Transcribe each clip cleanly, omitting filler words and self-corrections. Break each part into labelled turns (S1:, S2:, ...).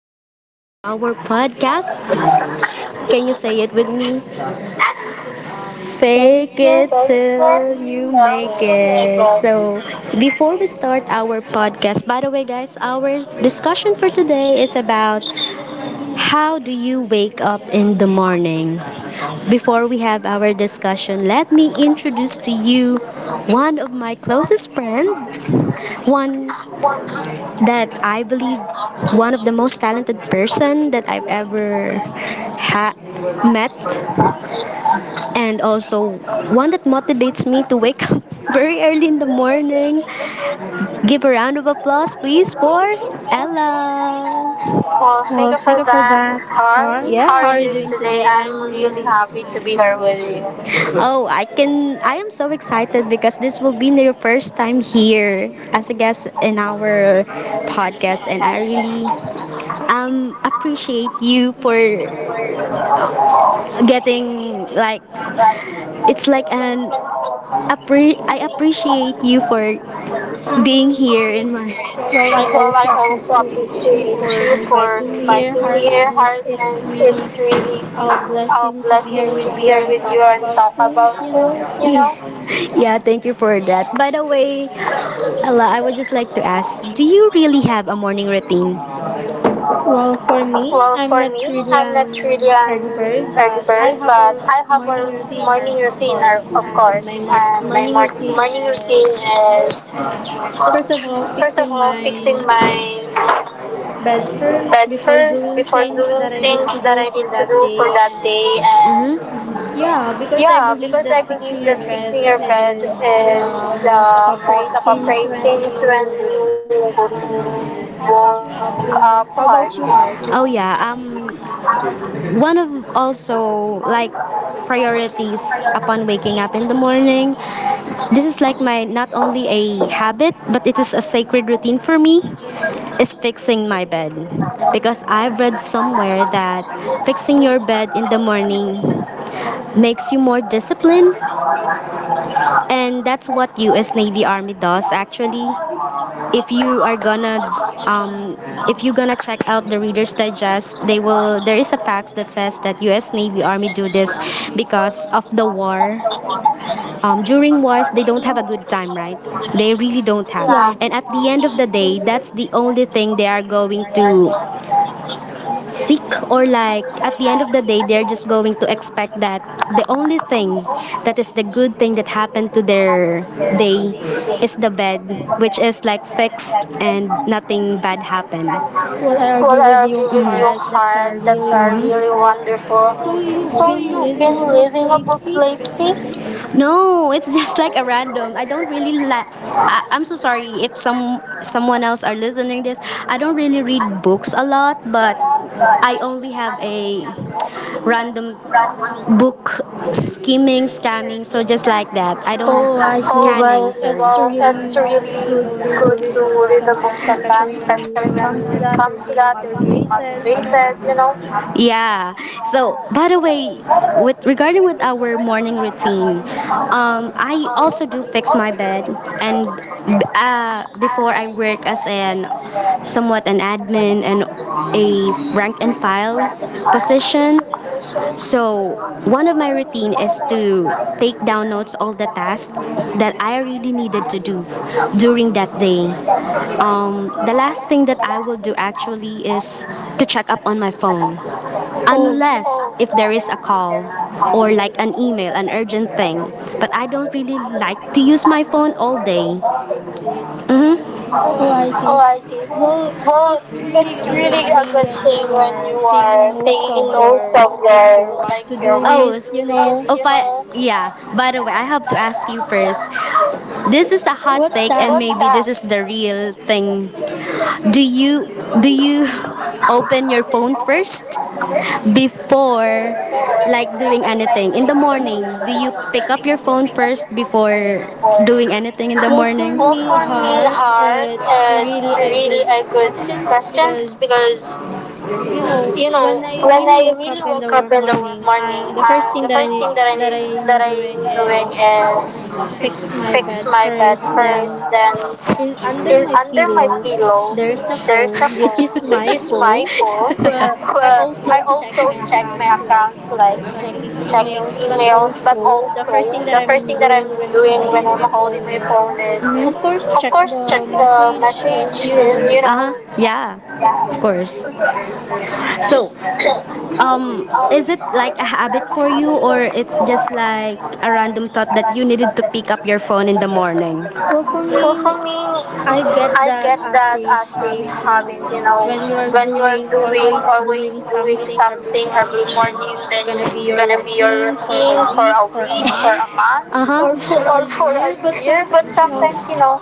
S1: Welcome to our podcast. Can you say it with me? Fake it
S2: Pancreas
S1: till you make
S2: failure may
S1: it.
S2: cause
S1: So, before we start our podcast, by the way, guys, our discussion for today is about how do you wake up in the morning? Before we have our discussion, let me introduce to you one of my closest friends, one that I believe one of the most talented person
S2: suicide
S1: that I've ever ha- met, and also
S2: and
S1: one that
S2: also
S1: motivates me to wake up very early in the morning. Give a round of applause please for
S2: well,
S1: Ella.
S2: thank you for that, Heart.
S1: Yeah.
S2: How are you
S1: Hi,
S2: doing today? I'm
S1: I'm
S2: really
S1: really
S2: happy
S1: happy
S2: to
S1: to
S2: be
S1: be
S2: here
S1: here
S2: with
S1: with you.
S2: you.
S1: Oh, I am so excited because this will be your first time here as a guest in our podcast, and I really appreciate you for getting like it's like an I appreciate you for being here in my
S2: Well, I also
S1: It's really
S2: appreciate you for
S1: cheerful,
S2: inviting me here, Heart, and
S1: and
S2: it's
S1: it's really
S2: really a blessing to be here with you and talk about things, you
S1: you know.
S2: know.
S1: yeah, thank you for that. By the way, Ala, I would just like to ask, do you really have a morning routine?
S2: Well, for me, I'm not really
S1: Brilliant,
S2: an early bird, but
S1: but
S2: I have a
S1: for
S2: morning
S1: morning
S2: routine,
S1: routine,
S2: or-
S1: are-
S2: of
S1: of
S2: course.
S1: course,
S2: And
S1: and
S2: my
S1: my morning
S2: morning routine
S1: routine
S2: is
S1: is just
S2: just, first of all, fixing
S1: my
S2: my bed first before doing things
S1: things
S2: that I need to do for that day. And
S1: and mm-hmm. Yeah,
S2: yeah, because I believe that fixing your bed
S1: is
S2: is the
S1: the most
S2: most
S1: appropriate
S2: appropriate
S1: things
S2: things
S1: when
S2: when you
S1: you would
S2: woke up, you know. How
S1: woke
S2: about you,
S1: up
S2: Heart?
S1: hard. Oh yeah. One of also like priorities upon waking up in the morning. This is like my not only a habit, but it is a sacred routine for me. Is fixing my bed because I've read somewhere that fixing your bed in the morning makes you more disciplined. And that's what US Navy Army does actually. If you are gonna um, if you're gonna check out the Reader's Digest, they will there is a fax that says that US Navy Army do this because of the war. During wars they don't have a good time, right? They really don't have. Yeah.
S2: Yeah.
S1: And at the end of the day, that's the only thing they are going to sick, or like at the end of the day they're just going to expect that the only thing that is the good thing that happened to their day is the bed, which is like fixed and nothing bad happened. Well,
S2: Well, I
S1: hello,
S2: agree with you, Heart. That's
S1: that's
S2: a
S1: are really
S2: really wonderful.
S1: wonderful.
S2: So
S1: So you've
S2: you've been
S1: been
S2: reading
S1: reading
S2: a
S1: a book
S2: book
S1: lately?
S2: lately?
S1: No, it's
S2: No,
S1: just like a
S2: it's just like a
S1: random. I don't
S2: random. I
S1: really
S2: don't
S1: like.
S2: think
S1: I,
S2: that.
S1: I'm so
S2: i
S1: sorry
S2: I'm so
S1: if
S2: sorry if someone,
S1: someone else are
S2: someone else are
S1: listening this.
S2: using it.
S1: I don't
S2: I
S1: really
S2: don't
S1: read
S2: really
S1: books
S2: read
S1: a
S2: books
S1: lot,
S2: a lot,
S1: but
S2: but
S1: I only
S2: I
S1: have
S2: only have
S1: a
S2: a
S1: random
S2: random
S1: book skimming,
S2: skimming,
S1: scamming.
S2: scanning,
S1: So
S2: so
S1: just
S2: just
S1: like
S2: like
S1: that,
S2: that.
S1: I don't.
S2: Oh, I see. Well, it's
S1: Well, it's
S2: really good
S1: really
S2: to read a
S1: to
S2: book
S1: read the
S2: sometimes,
S1: book
S2: especially
S1: sometimes,
S2: when
S1: especially
S2: it comes to
S1: when it
S2: that, you're
S1: comes to
S2: being
S1: that, you're being
S2: motivated, you know?
S1: motivated, you know? Yeah.
S2: Yeah.
S1: So
S2: So,
S1: by the way,
S2: by
S1: with regarding
S2: regarding
S1: with our
S2: the
S1: morning
S2: morning routine,
S1: routine, I
S2: I
S1: also
S2: also
S1: do
S2: do
S1: fix
S2: mix
S1: my
S2: my
S1: bed,
S2: daughter,
S1: and
S2: and
S1: before I
S2: before I
S1: work
S2: work
S1: as
S2: as
S1: an
S2: a
S1: somewhat
S2: somewhat
S1: an
S2: an advocate,
S1: admin and a rank and
S2: graphic
S1: file
S2: art
S1: position.
S2: musician. So,
S1: So one of
S2: one
S1: my
S2: of my
S1: routine
S2: learned
S1: is
S2: is to
S1: to take
S2: take
S1: down notes
S2: diamonds
S1: all
S2: of
S1: the
S2: the
S1: tasks
S2: last
S1: that
S2: that
S1: I
S2: I have
S1: really needed to do
S2: to do
S1: during
S2: that
S1: that day.
S2: day.
S1: The
S2: The
S1: last
S2: last
S1: thing that
S2: thing that
S1: I
S2: I
S1: will do
S2: would do actually
S1: actually is
S2: is
S1: to
S2: to
S1: check up
S2: check
S1: on
S2: up
S1: my
S2: on my
S1: phone.
S2: phone. Oh,
S1: Unless
S2: unless
S1: if
S2: if
S1: there
S2: there
S1: is a
S2: is a
S1: call
S2: call
S1: or
S2: or
S1: like
S2: like
S1: an
S2: a
S1: email,
S2: female,
S1: an
S2: an
S1: urgent
S2: older
S1: thing. But
S2: person,
S1: I
S2: but I
S1: don't really
S2: don't think
S1: like to use
S2: I use
S1: my
S2: my
S1: phone
S2: phone
S1: all
S2: all day.
S1: day. Mm-hmm.
S2: Oh, I
S1: Oh,
S2: see.
S1: I see.
S2: Well,
S1: Well,
S2: it's really a
S1: big
S2: good
S1: a
S2: thing
S1: good
S2: when
S1: thing
S2: you
S1: you
S2: are
S1: are
S2: taking notes
S1: taking
S2: of
S1: notes
S2: your
S1: of
S2: like your
S1: your.
S2: what to do list, you
S1: Oh, you
S2: know.
S1: know. But yeah. By the way, I have to ask you first. This is
S2: What's that?
S1: fake, and what's maybe this that? Is the real thing. Do you do you open your phone first before
S2: Before
S1: like
S2: like
S1: doing
S2: doing
S1: anything
S2: anything.
S1: in the
S2: In the morning,
S1: morning? Do
S2: do
S1: you
S2: you
S1: pick
S2: pick
S1: up your
S2: up your
S1: phone
S2: phone
S1: first
S2: first
S1: before
S2: before
S1: doing
S2: doing
S1: anything in
S2: anything?
S1: the
S2: Well,
S1: morning?
S2: for me, Heart,
S1: Hard,
S2: it's really a
S1: and
S2: good
S1: I could
S2: questions
S1: question
S2: because
S1: because
S2: you know
S1: you know
S2: when I
S1: when
S2: really
S1: I
S2: woke
S1: wake
S2: up in the
S1: up in the
S2: morning,
S1: morning,
S2: the first
S1: I
S2: thing that I
S1: think
S2: need
S1: that I need,
S2: that
S1: that
S2: I'm
S1: I'm
S2: doing
S1: doing
S2: is
S1: is
S2: fix my bed
S1: my bed
S2: first,
S1: first,
S2: then
S1: then
S2: in under my pillow,
S1: pillow.
S2: there's a
S1: There's
S2: phone, which is my phone.
S1: phone.
S2: Well, I
S1: well,
S2: also
S1: also
S2: check my
S1: check my
S2: accounts, like
S1: accounts like
S2: checking
S1: checking
S2: emails, but
S1: mails.
S2: also the first thing that I'm doing when I'm
S1: Doing when
S2: holding
S1: I'm
S2: my
S1: holding
S2: phone
S1: my
S2: is,
S1: phone is mhm.
S2: of course, check the
S1: The
S2: message. And, you know,
S1: you know uh-huh. Yeah, yeah, of course. So, um, is it like a habit for you, or it's just like a random thought that you needed to pick up your phone in the morning?
S2: well, for
S1: For
S2: me,
S1: me, I
S2: I get that
S1: get
S2: as
S1: that
S2: a
S1: as a
S2: habit, you
S1: habit,
S2: know,
S1: you know,
S2: when you are doing
S1: doing
S2: always
S1: or waiting
S2: doing something every morning,
S1: morning,
S2: then
S1: then
S2: it's gonna be
S1: maybe
S2: your
S1: you're
S2: routine for
S1: waiting
S2: a
S1: for a
S2: week, for
S1: week,
S2: a
S1: a
S2: month,
S1: month, uh
S2: or for
S1: huh.
S2: a
S1: For a
S2: year.
S1: year.
S2: But
S1: But
S2: sometimes, you know,
S1: sometimes, you know,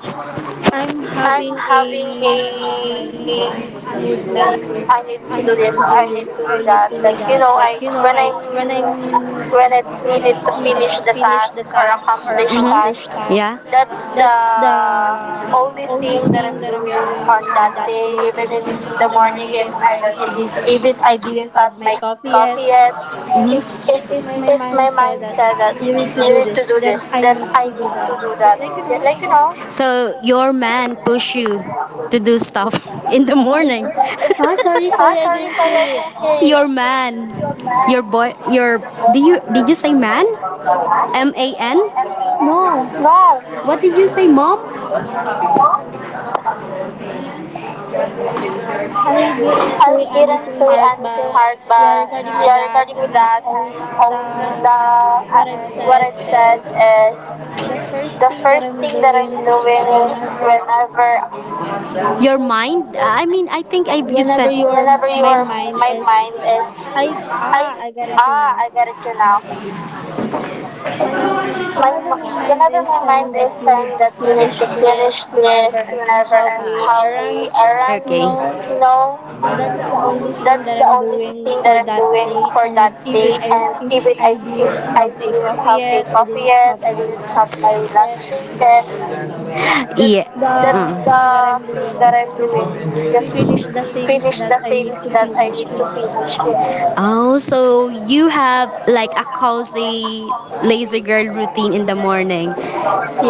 S2: I'm having a
S1: having a,
S2: mood like
S1: a, a
S2: I need to do this, I
S1: to do
S2: need to
S1: this,
S2: do
S1: to
S2: that. Like,
S1: do
S2: you
S1: that,
S2: know, I
S1: like, you know,
S2: when I'm when it's
S1: when I
S2: needed to
S1: need
S2: finish
S1: to
S2: the
S1: finish the
S2: task or
S1: task or
S2: accomplish
S1: accomplish
S2: task,
S1: mhm. Task,
S2: that's the
S1: the
S2: only
S1: only
S2: thing that I'm
S1: thing that
S2: doing
S1: I'm doing
S2: on that day,
S1: on
S2: even in the
S1: the
S2: morning if
S1: morning
S2: I
S1: is
S2: don't I did, even I didn't have my
S1: my
S2: coffee yet.
S1: coffee and mm-hmm.
S2: If if my
S1: If my
S2: mind said
S1: mind
S2: that
S1: said that
S2: you need to
S1: you
S2: do
S1: need to
S2: this,
S1: do
S2: then
S1: this,
S2: I
S1: then
S2: need
S1: I
S2: to do
S1: need to
S2: that.
S1: do
S2: Yeah,
S1: that.
S2: like you
S1: Yeah,
S2: know.
S1: like you know, so your man push you to do stuff in the morning.
S2: Huh? Sorry, I
S1: sorry,
S2: didn't
S1: sorry,
S2: hear you
S1: I
S2: yet.
S1: didn't hear you. Your man, your boy, your do you did you say man? M A N?
S2: No.
S1: No, what did you say, mom?
S2: I didn't say
S1: I
S2: anything
S1: didn't say
S2: hard, but
S1: anything hard,
S2: yeah,
S1: but
S2: regarding with
S1: yeah,
S2: that,
S1: regarding
S2: I'm
S1: with that,
S2: all the
S1: the
S2: what I've
S1: uh,
S2: said
S1: what I've
S2: is
S1: said is
S2: the first thing that I'm doing
S1: doing
S2: whenever
S1: whenever Your mind? I mean, I think I
S2: whenever your
S1: whenever
S2: my
S1: your
S2: mind is
S1: mind is
S2: I
S1: like
S2: I got it
S1: ah
S2: you
S1: I
S2: now.
S1: get it you now. My m-
S2: Whenever my
S1: whenever
S2: mind
S1: my
S2: is
S1: mind
S2: saying
S1: is
S2: that you
S1: saying
S2: need
S1: that
S2: to
S1: we need to
S2: finish
S1: finish
S2: this
S1: this
S2: whenever I'm
S1: whenever and
S2: having
S1: have we
S2: errands,
S1: arrive,
S2: you
S1: okay.
S2: know,
S1: No,
S2: that's the only thing that
S1: that's the
S2: I'm
S1: only thing
S2: doing
S1: that
S2: for
S1: I'm
S2: that
S1: doing
S2: day.
S1: for that
S2: And if
S1: day.
S2: it, I
S1: And if
S2: if
S1: it I
S2: I
S1: if
S2: didn't
S1: I
S2: have a
S1: didn't
S2: coffee
S1: have a
S2: yet, I
S1: coffee
S2: didn't
S1: and
S2: have
S1: I
S2: my
S1: will have
S2: lunch
S1: my
S2: yet.
S1: lunch then
S2: That's
S1: yeah.
S2: the
S1: That's mm.
S2: thing
S1: The
S2: that I'm
S1: thing that
S2: doing.
S1: I'm
S2: Just
S1: doing. Just
S2: finish the things
S1: finish
S2: that
S1: the
S2: I need
S1: things
S2: to
S1: that I
S2: finish
S1: need to
S2: in.
S1: finish. Yet. Oh, so you have like a cozy laser girl routine in the morning.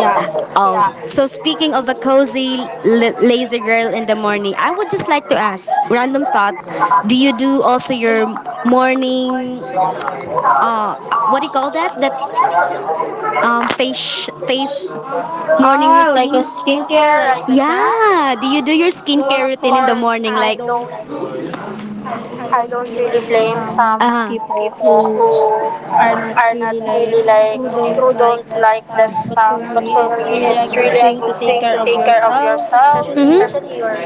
S2: Yeah.
S1: Oh, yeah. So speaking of a cozy laser girl in the morning, I would just like to ask random thought. Do you do also your morning? Uh, what do you call that? That face morning
S2: Ah,
S1: ah, like
S2: like
S1: a
S2: a
S1: routine?
S2: skincare,
S1: Skincare,
S2: right?
S1: right?
S2: Like
S1: Now.
S2: that?
S1: Yeah. Do you do your well,
S2: Well,
S1: skincare of
S2: of
S1: routine in the course,
S2: course,
S1: morning? I
S2: I
S1: like,
S2: don't.
S1: don't, I
S2: I
S1: don't
S2: don't
S1: really
S2: really blame
S1: blame some.
S2: some people who
S1: I
S2: are not really
S1: really like
S2: like
S1: who
S2: who
S1: don't
S2: don't
S1: like
S2: like
S1: that
S2: that
S1: stuff.
S2: stuff.
S1: But
S2: But for
S1: for me,
S2: me,
S1: it's
S2: it's
S1: really
S2: really a good thing to take care of yourself,
S1: mm-hmm. Especially
S2: especially
S1: your
S2: your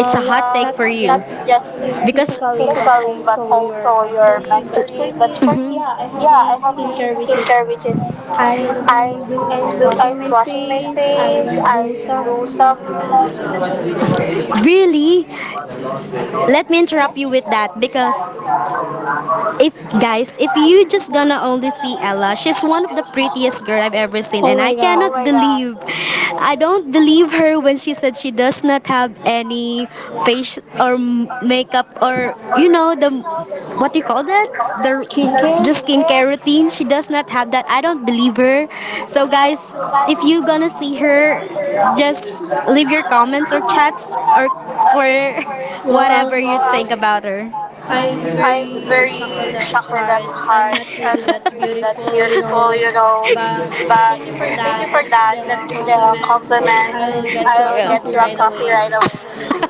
S1: it's up
S2: physical,
S1: for not
S2: not just
S1: you because
S2: in physically,
S1: physical,
S2: but also
S1: so your
S2: your
S1: mentally.
S2: mentally.
S1: But
S2: But
S1: for
S2: for
S1: me,
S2: me,
S1: mm-hmm.
S2: yeah,
S1: Yeah,
S2: I
S1: I
S2: have a
S1: think
S2: skincare
S1: skincare
S2: which is
S1: is.
S2: I'm
S1: I'm
S2: washing
S1: washing
S2: my
S1: my
S2: face.
S1: face.
S2: I
S1: I
S2: do
S1: do some
S2: some
S1: really Let
S2: let
S1: me
S2: me tell
S1: interrupt
S2: you
S1: you with
S2: with
S1: that
S2: that
S1: because
S2: is
S1: if
S2: if guys,
S1: guys, if
S2: if you
S1: you just
S2: just
S1: gonna
S2: gonna own
S1: only
S2: the
S1: see
S2: skincare,
S1: Ella, she's
S2: it's
S1: one of the
S2: one of the
S1: prettiest
S2: prettiest
S1: girl
S2: brand
S1: I've
S2: I've
S1: ever
S2: ever seen.
S1: seen, and
S2: Oh
S1: I
S2: my god.
S1: don't believe
S2: I
S1: I don't
S2: don't believe
S1: believe
S2: her
S1: her when
S2: when
S1: she
S2: she
S1: said
S2: said
S1: she
S2: she
S1: does
S2: does not
S1: not
S2: have
S1: have
S2: any
S1: any
S2: fake
S1: face or
S2: or makeup
S1: makeup or
S2: or
S1: you
S2: you
S1: know
S2: know
S1: the
S2: the what do you
S1: what do
S2: call
S1: you call that?
S2: that? The
S1: The
S2: skincare?
S1: skincare
S2: Skincare routine. She
S1: routine. She does
S2: does not
S1: not have
S2: have
S1: that. I
S2: that.
S1: don't believe her. So
S2: So guys,
S1: guys, if
S2: if you
S1: you gonna
S2: don't see
S1: see
S2: her,
S1: her, just
S2: just read
S1: leave your comments or for
S2: her well,
S1: where you think about her.
S2: I'm
S1: I'm
S2: very
S1: very
S2: shocked with that Heart. I'm
S1: hard
S2: not really
S1: and
S2: that beautiful, you
S1: full,
S2: know.
S1: you know.
S2: But
S1: But
S2: thank you for that.
S1: for
S2: That's
S1: that,
S2: the
S1: the
S2: compliment.
S1: compliment,
S2: I'll get you
S1: I'll
S2: a
S1: yeah. Get
S2: coffee right
S1: happy
S2: away.
S1: right away.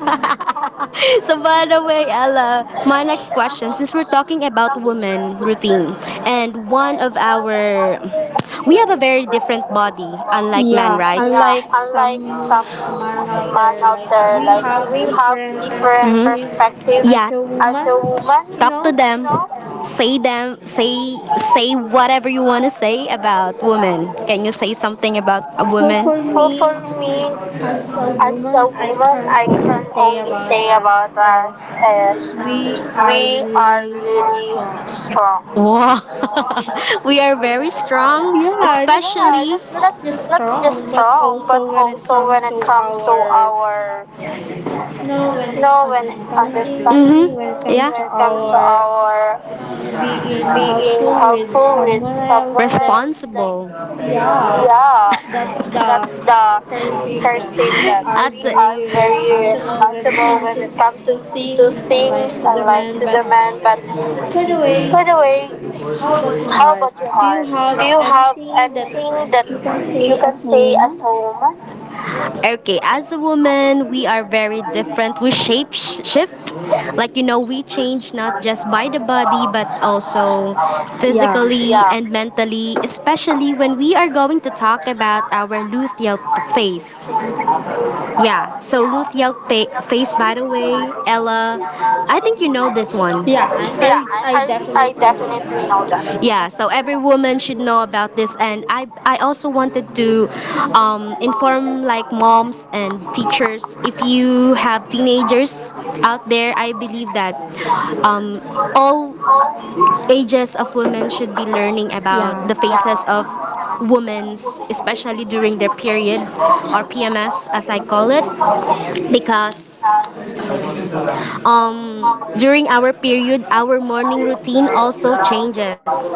S1: So
S2: So
S1: by
S2: one
S1: the
S2: of
S1: way, Ella, my
S2: my
S1: next
S2: next question
S1: question, since
S2: is
S1: we're
S2: we're
S1: talking
S2: talking about
S1: about
S2: women,
S1: women routine,
S2: and
S1: and
S2: one
S1: one
S2: of
S1: of
S2: our we're very
S1: our,
S2: different
S1: we have a very
S2: body
S1: different body,
S2: unlike
S1: unlike men,
S2: yeah,
S1: right? Yeah,
S2: unlike
S1: unlike some
S2: some man out
S1: man
S2: there,
S1: out
S2: like
S1: there,
S2: we
S1: like
S2: have
S1: we have
S2: different
S1: different mhm.
S2: perspective
S1: Perspective yeah,
S2: as a
S1: as a
S2: woman,
S1: woman,
S2: you
S1: talk to
S2: know.
S1: them, know.
S2: Say
S1: Say
S2: them,
S1: them,
S2: say
S1: say
S2: say
S1: say
S2: whatever
S1: whatever
S2: you
S1: you
S2: want
S1: want
S2: to
S1: to say
S2: say
S1: about
S2: about
S1: women.
S2: women. Can
S1: Can
S2: you
S1: you
S2: say
S1: say
S2: something
S1: something about
S2: about
S1: a
S2: women? Well,
S1: woman?
S2: for
S1: Well, for
S2: me,
S1: me,
S2: as a
S1: as a
S2: woman, I
S1: woman,
S2: can
S1: I
S2: only
S1: can
S2: say about
S1: say about
S2: us
S1: us
S2: is
S1: is we
S2: we are
S1: are
S2: really strong.
S1: really strong. Wow. we are very strong,
S2: Yeah,
S1: especially.
S2: not just strong, but
S1: Strong.
S2: also when it
S1: So when
S2: comes
S1: it's
S2: to our
S1: our,
S2: you know when
S1: you know, when it's time
S2: understanding,
S1: mhm.
S2: when it
S1: Yeah.
S2: comes to
S1: When
S2: our
S1: our
S2: being
S1: being
S2: helpful with
S1: full.
S2: someone else, like
S1: Responsible.
S2: yeah,
S1: Yeah,
S2: that's the
S1: it's
S2: first
S1: the
S2: thing
S1: first
S2: that
S1: thing
S2: we
S1: that
S2: are
S1: we are
S2: very
S1: very
S2: responsible when it
S1: responsible
S2: comes
S1: when
S2: to
S1: it comes to,
S2: to things unlike
S1: things
S2: to
S1: and
S2: the men, but
S1: other men. But
S2: by the way,
S1: by the way,
S2: how about your
S1: how
S2: Heart?
S1: about you,
S2: Do you
S1: Har? Do
S2: have
S1: you have
S2: anything that
S1: anything that
S2: you can say as a
S1: as
S2: woman?
S1: a woman? Okay, as a woman, we are very different. We shape shift. Like, you know, we change not just by the body, but also
S2: Yeah.
S1: physically yeah. And mentally, especially when we are going to talk about our luteal phase. Yeah, so luteal phase, by the way, Ella, I think you know this one.
S2: Yeah, I
S1: I
S2: definitely know that.
S1: definitely know that. Yeah,
S2: Yes,
S1: so
S2: they're
S1: every
S2: really
S1: woman should
S2: true
S1: know about
S2: elements,
S1: this,
S2: and
S1: and i
S2: I
S1: i
S2: also
S1: also wanted to inform like moms and teachers if you have teenagers
S2: out
S1: out
S2: there,
S1: there
S2: I
S1: I
S2: love
S1: believe that um,
S2: that. All
S1: all ages
S2: stages
S1: of
S2: of
S1: women
S2: leadership
S1: should be
S2: and learning
S1: learning about
S2: yeah.
S1: the
S2: About
S1: phases
S2: process
S1: of
S2: of women,
S1: women's,
S2: especially in
S1: especially
S2: the
S1: during their period
S2: community.
S1: or pms as I call it
S2: Because
S1: because
S2: all
S1: um, during our period our morning routine also
S2: our
S1: changes.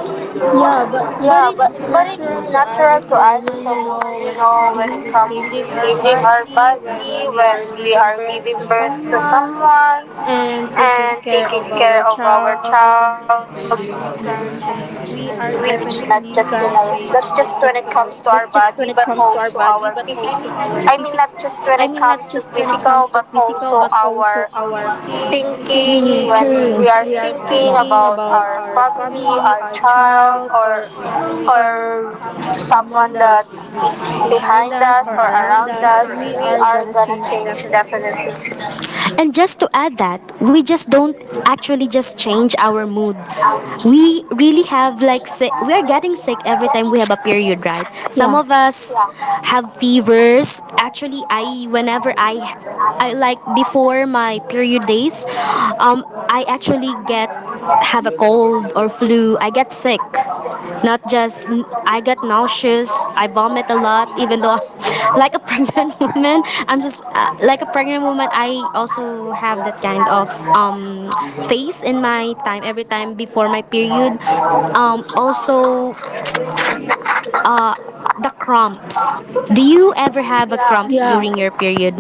S2: yeah, but
S1: Yeah, but
S2: it's
S1: it's
S2: natural to
S1: natural
S2: us
S1: to
S2: as a
S1: us as a
S2: woman, you
S1: woman, you
S2: know, when
S1: know,
S2: it
S1: when it
S2: comes
S1: comes
S2: to
S1: to
S2: changing
S1: changing
S2: our
S1: our body
S2: body, when
S1: when
S2: we
S1: we
S2: are
S1: are
S2: giving
S1: close
S2: birth
S1: to
S2: to
S1: someone
S2: someone
S1: and
S2: and taking care
S1: of
S2: of our
S1: our
S2: child, we are
S1: child.
S2: definitely gonna change, not
S1: Which
S2: just
S1: not
S2: in
S1: just in
S2: our
S1: our,
S2: not just
S1: not
S2: when
S1: just
S2: it
S1: when it
S2: comes to
S1: comes
S2: our
S1: to our
S2: body,
S1: body
S2: but
S1: but
S2: also
S1: also
S2: our
S1: our
S2: physical
S1: physical
S2: I
S1: I
S2: mean,
S1: mean
S2: not
S1: not
S2: just
S1: just
S2: when
S1: when
S2: it
S1: it
S2: comes
S1: comes
S2: to
S1: to
S2: physical,
S1: physical
S2: but
S1: but also
S2: also our
S1: our thinking
S2: thinking
S1: mm,
S2: when we
S1: when we
S2: are
S1: are
S2: thinking
S1: thinking
S2: about
S1: about
S2: our
S1: our family
S2: family, our
S1: our
S2: child,
S1: child
S2: or
S1: or
S2: to someone
S1: someone that's
S2: that's behind
S1: behind us.
S2: us or around
S1: Thus,
S2: us,
S1: we
S2: we are
S1: are
S2: gonna
S1: gonna change
S2: change definitely.
S1: definitely. And just to add that, we just don't actually just change our mood. We really have like we are getting sick every time we have a period, right? Some of
S2: Yeah.
S1: us, yeah, have fevers. Actually, I whenever I like before my period days, um I actually get have a cold or flu. I get sick.
S2: I get sick,
S1: Not
S2: not
S1: just
S2: just
S1: I got
S2: I get
S1: nauseous, I
S2: nauseous,
S1: vomit a
S2: I
S1: lot,
S2: want
S1: even though
S2: blood, you know.
S1: like a
S2: Like a
S1: pregnant woman.
S2: pregnant
S1: I'm just
S2: woman, I'm just
S1: like a pregnant
S2: like a
S1: woman.
S2: pregnant
S1: I
S2: woman, I
S1: also
S2: also
S1: have that kind
S2: have
S1: of um, phase in
S2: pain
S1: my time every
S2: sometimes,
S1: time
S2: like every
S1: before my
S2: night before I
S1: period. Um,
S2: go
S1: also,
S2: sick. I
S1: uh,
S2: feel,
S1: the
S2: the
S1: cramps.
S2: cramps.
S1: Do you ever have
S2: Yeah.
S1: a cramps during your period?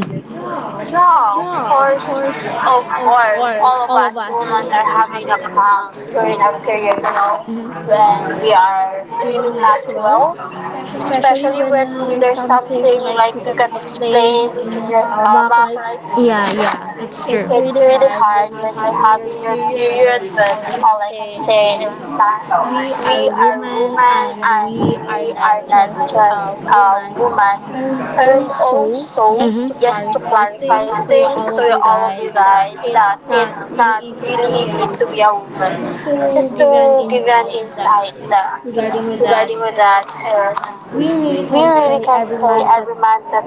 S2: Yeah,
S1: Yeah,
S2: of
S1: of
S2: course,
S1: course,
S2: of
S1: of
S2: course.
S1: course.
S2: All of
S1: All of
S2: us
S1: us
S2: women
S1: women
S2: are
S1: are
S2: having a
S1: having a
S2: cramps
S1: cramps
S2: during
S1: during
S2: our
S1: our
S2: period,
S1: period, you
S2: you
S1: know.
S2: know,
S1: Mhm.
S2: when
S1: When
S2: we
S1: we are
S2: are
S1: feeling
S2: feeling not
S1: not
S2: well.
S1: well, especially
S2: Especially
S1: when
S2: when
S1: there's
S2: there's
S1: something
S2: something like you can
S1: explained
S2: explain in your
S1: as
S2: stomach, right?
S1: yeah, yeah, that's true,
S2: It's
S1: it's
S2: really
S1: really hard
S2: hard
S1: when
S2: when
S1: you're
S2: you're having
S1: having
S2: your
S1: period,
S2: period,
S1: but
S2: but
S1: all
S2: all I
S1: I can
S2: can say
S1: say is
S2: is
S1: that
S2: that
S1: we
S2: we are
S1: women
S2: women and we are
S1: are not
S2: not
S1: just
S2: just
S1: a
S2: a
S1: woman.
S2: woman.
S1: And
S2: And
S1: also,
S2: also,
S1: mhm, just
S2: just
S1: to
S2: to
S1: clarify
S2: clarify
S1: things
S2: things
S1: to
S2: to all
S1: all of
S2: of
S1: you
S2: you
S1: guys,
S2: guys,
S1: that
S2: that
S1: it's
S2: it's
S1: not
S2: not really
S1: really easy
S2: easy
S1: to
S2: to
S1: be
S2: be a
S1: a woman.
S2: woman. Just
S1: Just to
S2: to give you an
S1: decide
S2: insight that
S1: that regarding
S2: regarding with that
S1: affairs,
S2: is
S1: we say
S2: we really can't say every month that
S1: that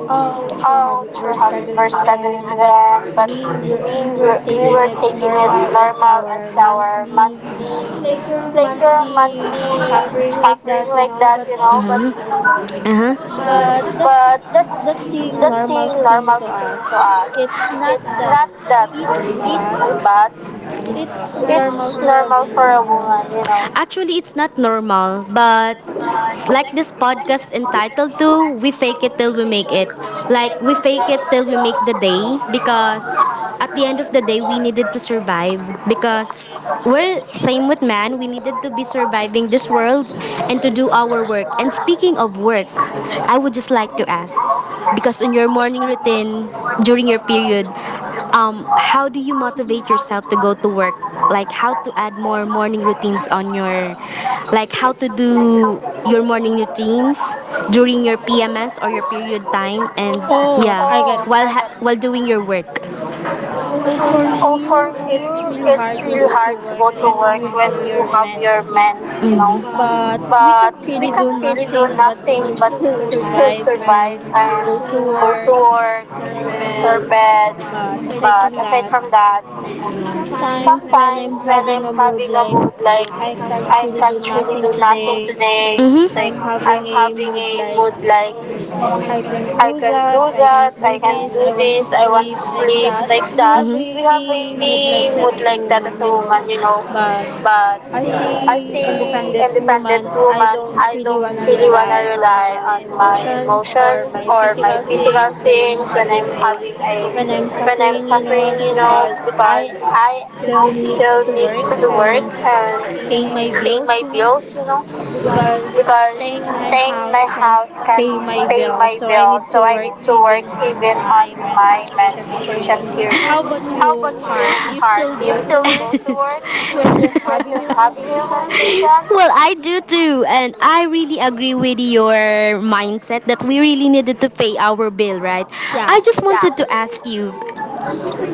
S1: all
S2: oh,
S1: sure
S2: sure,
S1: how
S2: Javi,
S1: we're
S2: we're struggling
S1: struggling
S2: again,
S1: again, but
S2: but we were
S1: taking
S2: taking it
S1: it normal
S2: normal
S1: is
S2: as
S1: our
S2: our monthly,
S1: monthly,
S2: like
S1: like
S2: your
S1: your
S2: monthly
S1: monthly
S2: suffering
S1: suffering
S2: like
S1: like
S2: that, you
S1: that, you
S2: know. But
S1: know. But mhm. Uh huh.
S2: that's
S1: But that's
S2: a
S1: a
S2: normal thing to
S1: to
S2: us.
S1: us.
S2: It's not
S1: It's
S2: that
S1: not that
S2: easy,
S1: it's
S2: but
S1: bad.
S2: it's
S1: It's
S2: normal for a
S1: normal for a
S2: woman, you
S1: woman,
S2: know.
S1: you know. Actually, it's not normal, but
S2: Actually, it's not normal, but
S1: it's like
S2: it's
S1: this
S2: like this
S1: podcast
S2: podcast and
S1: entitled
S2: magic,
S1: to We
S2: we
S1: Fake
S2: fake
S1: It
S2: it
S1: Till We
S2: till we
S1: Make It.
S2: make it.
S1: Like,
S2: Like,
S1: we
S2: we
S1: fake
S2: fake
S1: it
S2: it
S1: till we
S2: till
S1: make
S2: we
S1: the
S2: make the
S1: day,
S2: thing.
S1: because
S2: Because
S1: at
S2: at
S1: the end
S2: the
S1: of the
S2: end of the
S1: day,
S2: day,
S1: we
S2: the
S1: needed
S2: night
S1: to
S2: is to
S1: survive,
S2: survive.
S1: because
S2: Because we're
S1: we're
S2: in the same
S1: same with
S2: planet,
S1: man. We
S2: we have
S1: be
S2: to be
S1: surviving
S2: surviving
S1: this world and
S2: this
S1: to do
S2: world
S1: our work.
S2: our
S1: And
S2: friends. How
S1: speaking of work, I
S2: do
S1: would just like to ask because on your morning routine during your period, how do you
S2: you
S1: motivate
S2: motivate
S1: yourself to
S2: yourself
S1: go to
S2: to
S1: work?
S2: do
S1: Like how to add more morning
S2: the
S1: routines on
S2: right thing?
S1: your, like how to do your morning
S2: Like
S1: routines
S2: how can you
S1: during your PMS or
S2: do
S1: your period time, and
S2: oh,
S1: yeah,
S2: I got it.
S1: oh, while okay, while doing your work.
S2: Oh, for
S1: Oh, for
S2: me,
S1: me,
S2: it's really
S1: it's
S2: hard to
S1: really
S2: go to
S1: hard to
S2: work
S1: go to
S2: when
S1: work
S2: you
S1: to
S2: have your
S1: have your
S2: mens, you know.
S1: meds, you know.
S2: But we
S1: But
S2: can't
S1: we
S2: really do
S1: can
S2: nothing but
S1: sing,
S2: to
S1: but
S2: still survive and
S1: survive
S2: go to
S1: and go to
S2: work, fix our
S1: work, serve
S2: bed.
S1: bed.
S2: But aside
S1: But
S2: from
S1: aside from
S2: that,
S1: that,
S2: sometimes when
S1: sometimes
S2: I'm
S1: when I'm
S2: having a
S1: having a
S2: mood
S1: mood
S2: like
S1: like
S2: I
S1: I
S2: can't
S1: can't
S2: really
S1: really
S2: do
S1: do
S2: nothing
S1: nothing today,
S2: today,
S1: mhm,
S2: like
S1: like I'm
S2: I'm
S1: having
S2: having a
S1: mood
S2: mood
S1: like
S2: like
S1: I
S2: I can't
S1: can do
S2: do that, I
S1: and
S2: can't do
S1: do
S2: this,
S1: this, I
S2: I
S1: want
S2: want
S1: to
S2: to
S1: sleep
S2: sleep, like
S1: like that.
S2: that. We
S1: Mhm.
S2: have a
S1: Me
S2: mood like that as a
S1: as a
S2: woman, you
S1: woman, you
S2: know.
S1: know,
S2: But
S1: but
S2: I
S1: a
S2: see independent woman,
S1: woman
S2: I don't really
S1: really
S2: want to
S1: wanna
S2: rely on my
S1: my emotion,
S2: emotions or my
S1: my
S2: physical
S1: physical
S2: things
S1: things
S2: when
S1: when I'm
S2: I'm
S1: having
S2: having a when
S1: when
S2: I'm suffering, you know, because
S1: I
S2: I still
S1: still
S2: need to work
S1: work
S2: and
S1: and
S2: pay
S1: you
S2: my bills, you know,
S1: know because
S2: because
S1: staying
S2: staying
S1: in
S2: in my
S1: my house
S2: house
S1: can
S2: can't
S1: pay
S2: pay my
S1: bills
S2: bills. So I need
S1: to
S2: to
S1: work
S2: work
S1: even
S2: even
S1: on
S2: on
S1: my
S2: my
S1: menstruation
S2: menstruation
S1: period.
S2: period. How
S1: How about
S2: about
S1: you,
S2: you,
S1: Heart?
S2: Heart? Do
S1: Do
S2: you
S1: you still
S2: still
S1: go
S2: go to
S1: to
S2: work
S1: work when
S2: when you're
S1: you're having
S2: having
S1: your
S2: your menstruation?
S1: menstruation? Well, I do too, and I really agree with your mindset that we really needed to pay our bill, right? I just, yeah,
S2: Yeah.
S1: wanted to ask you,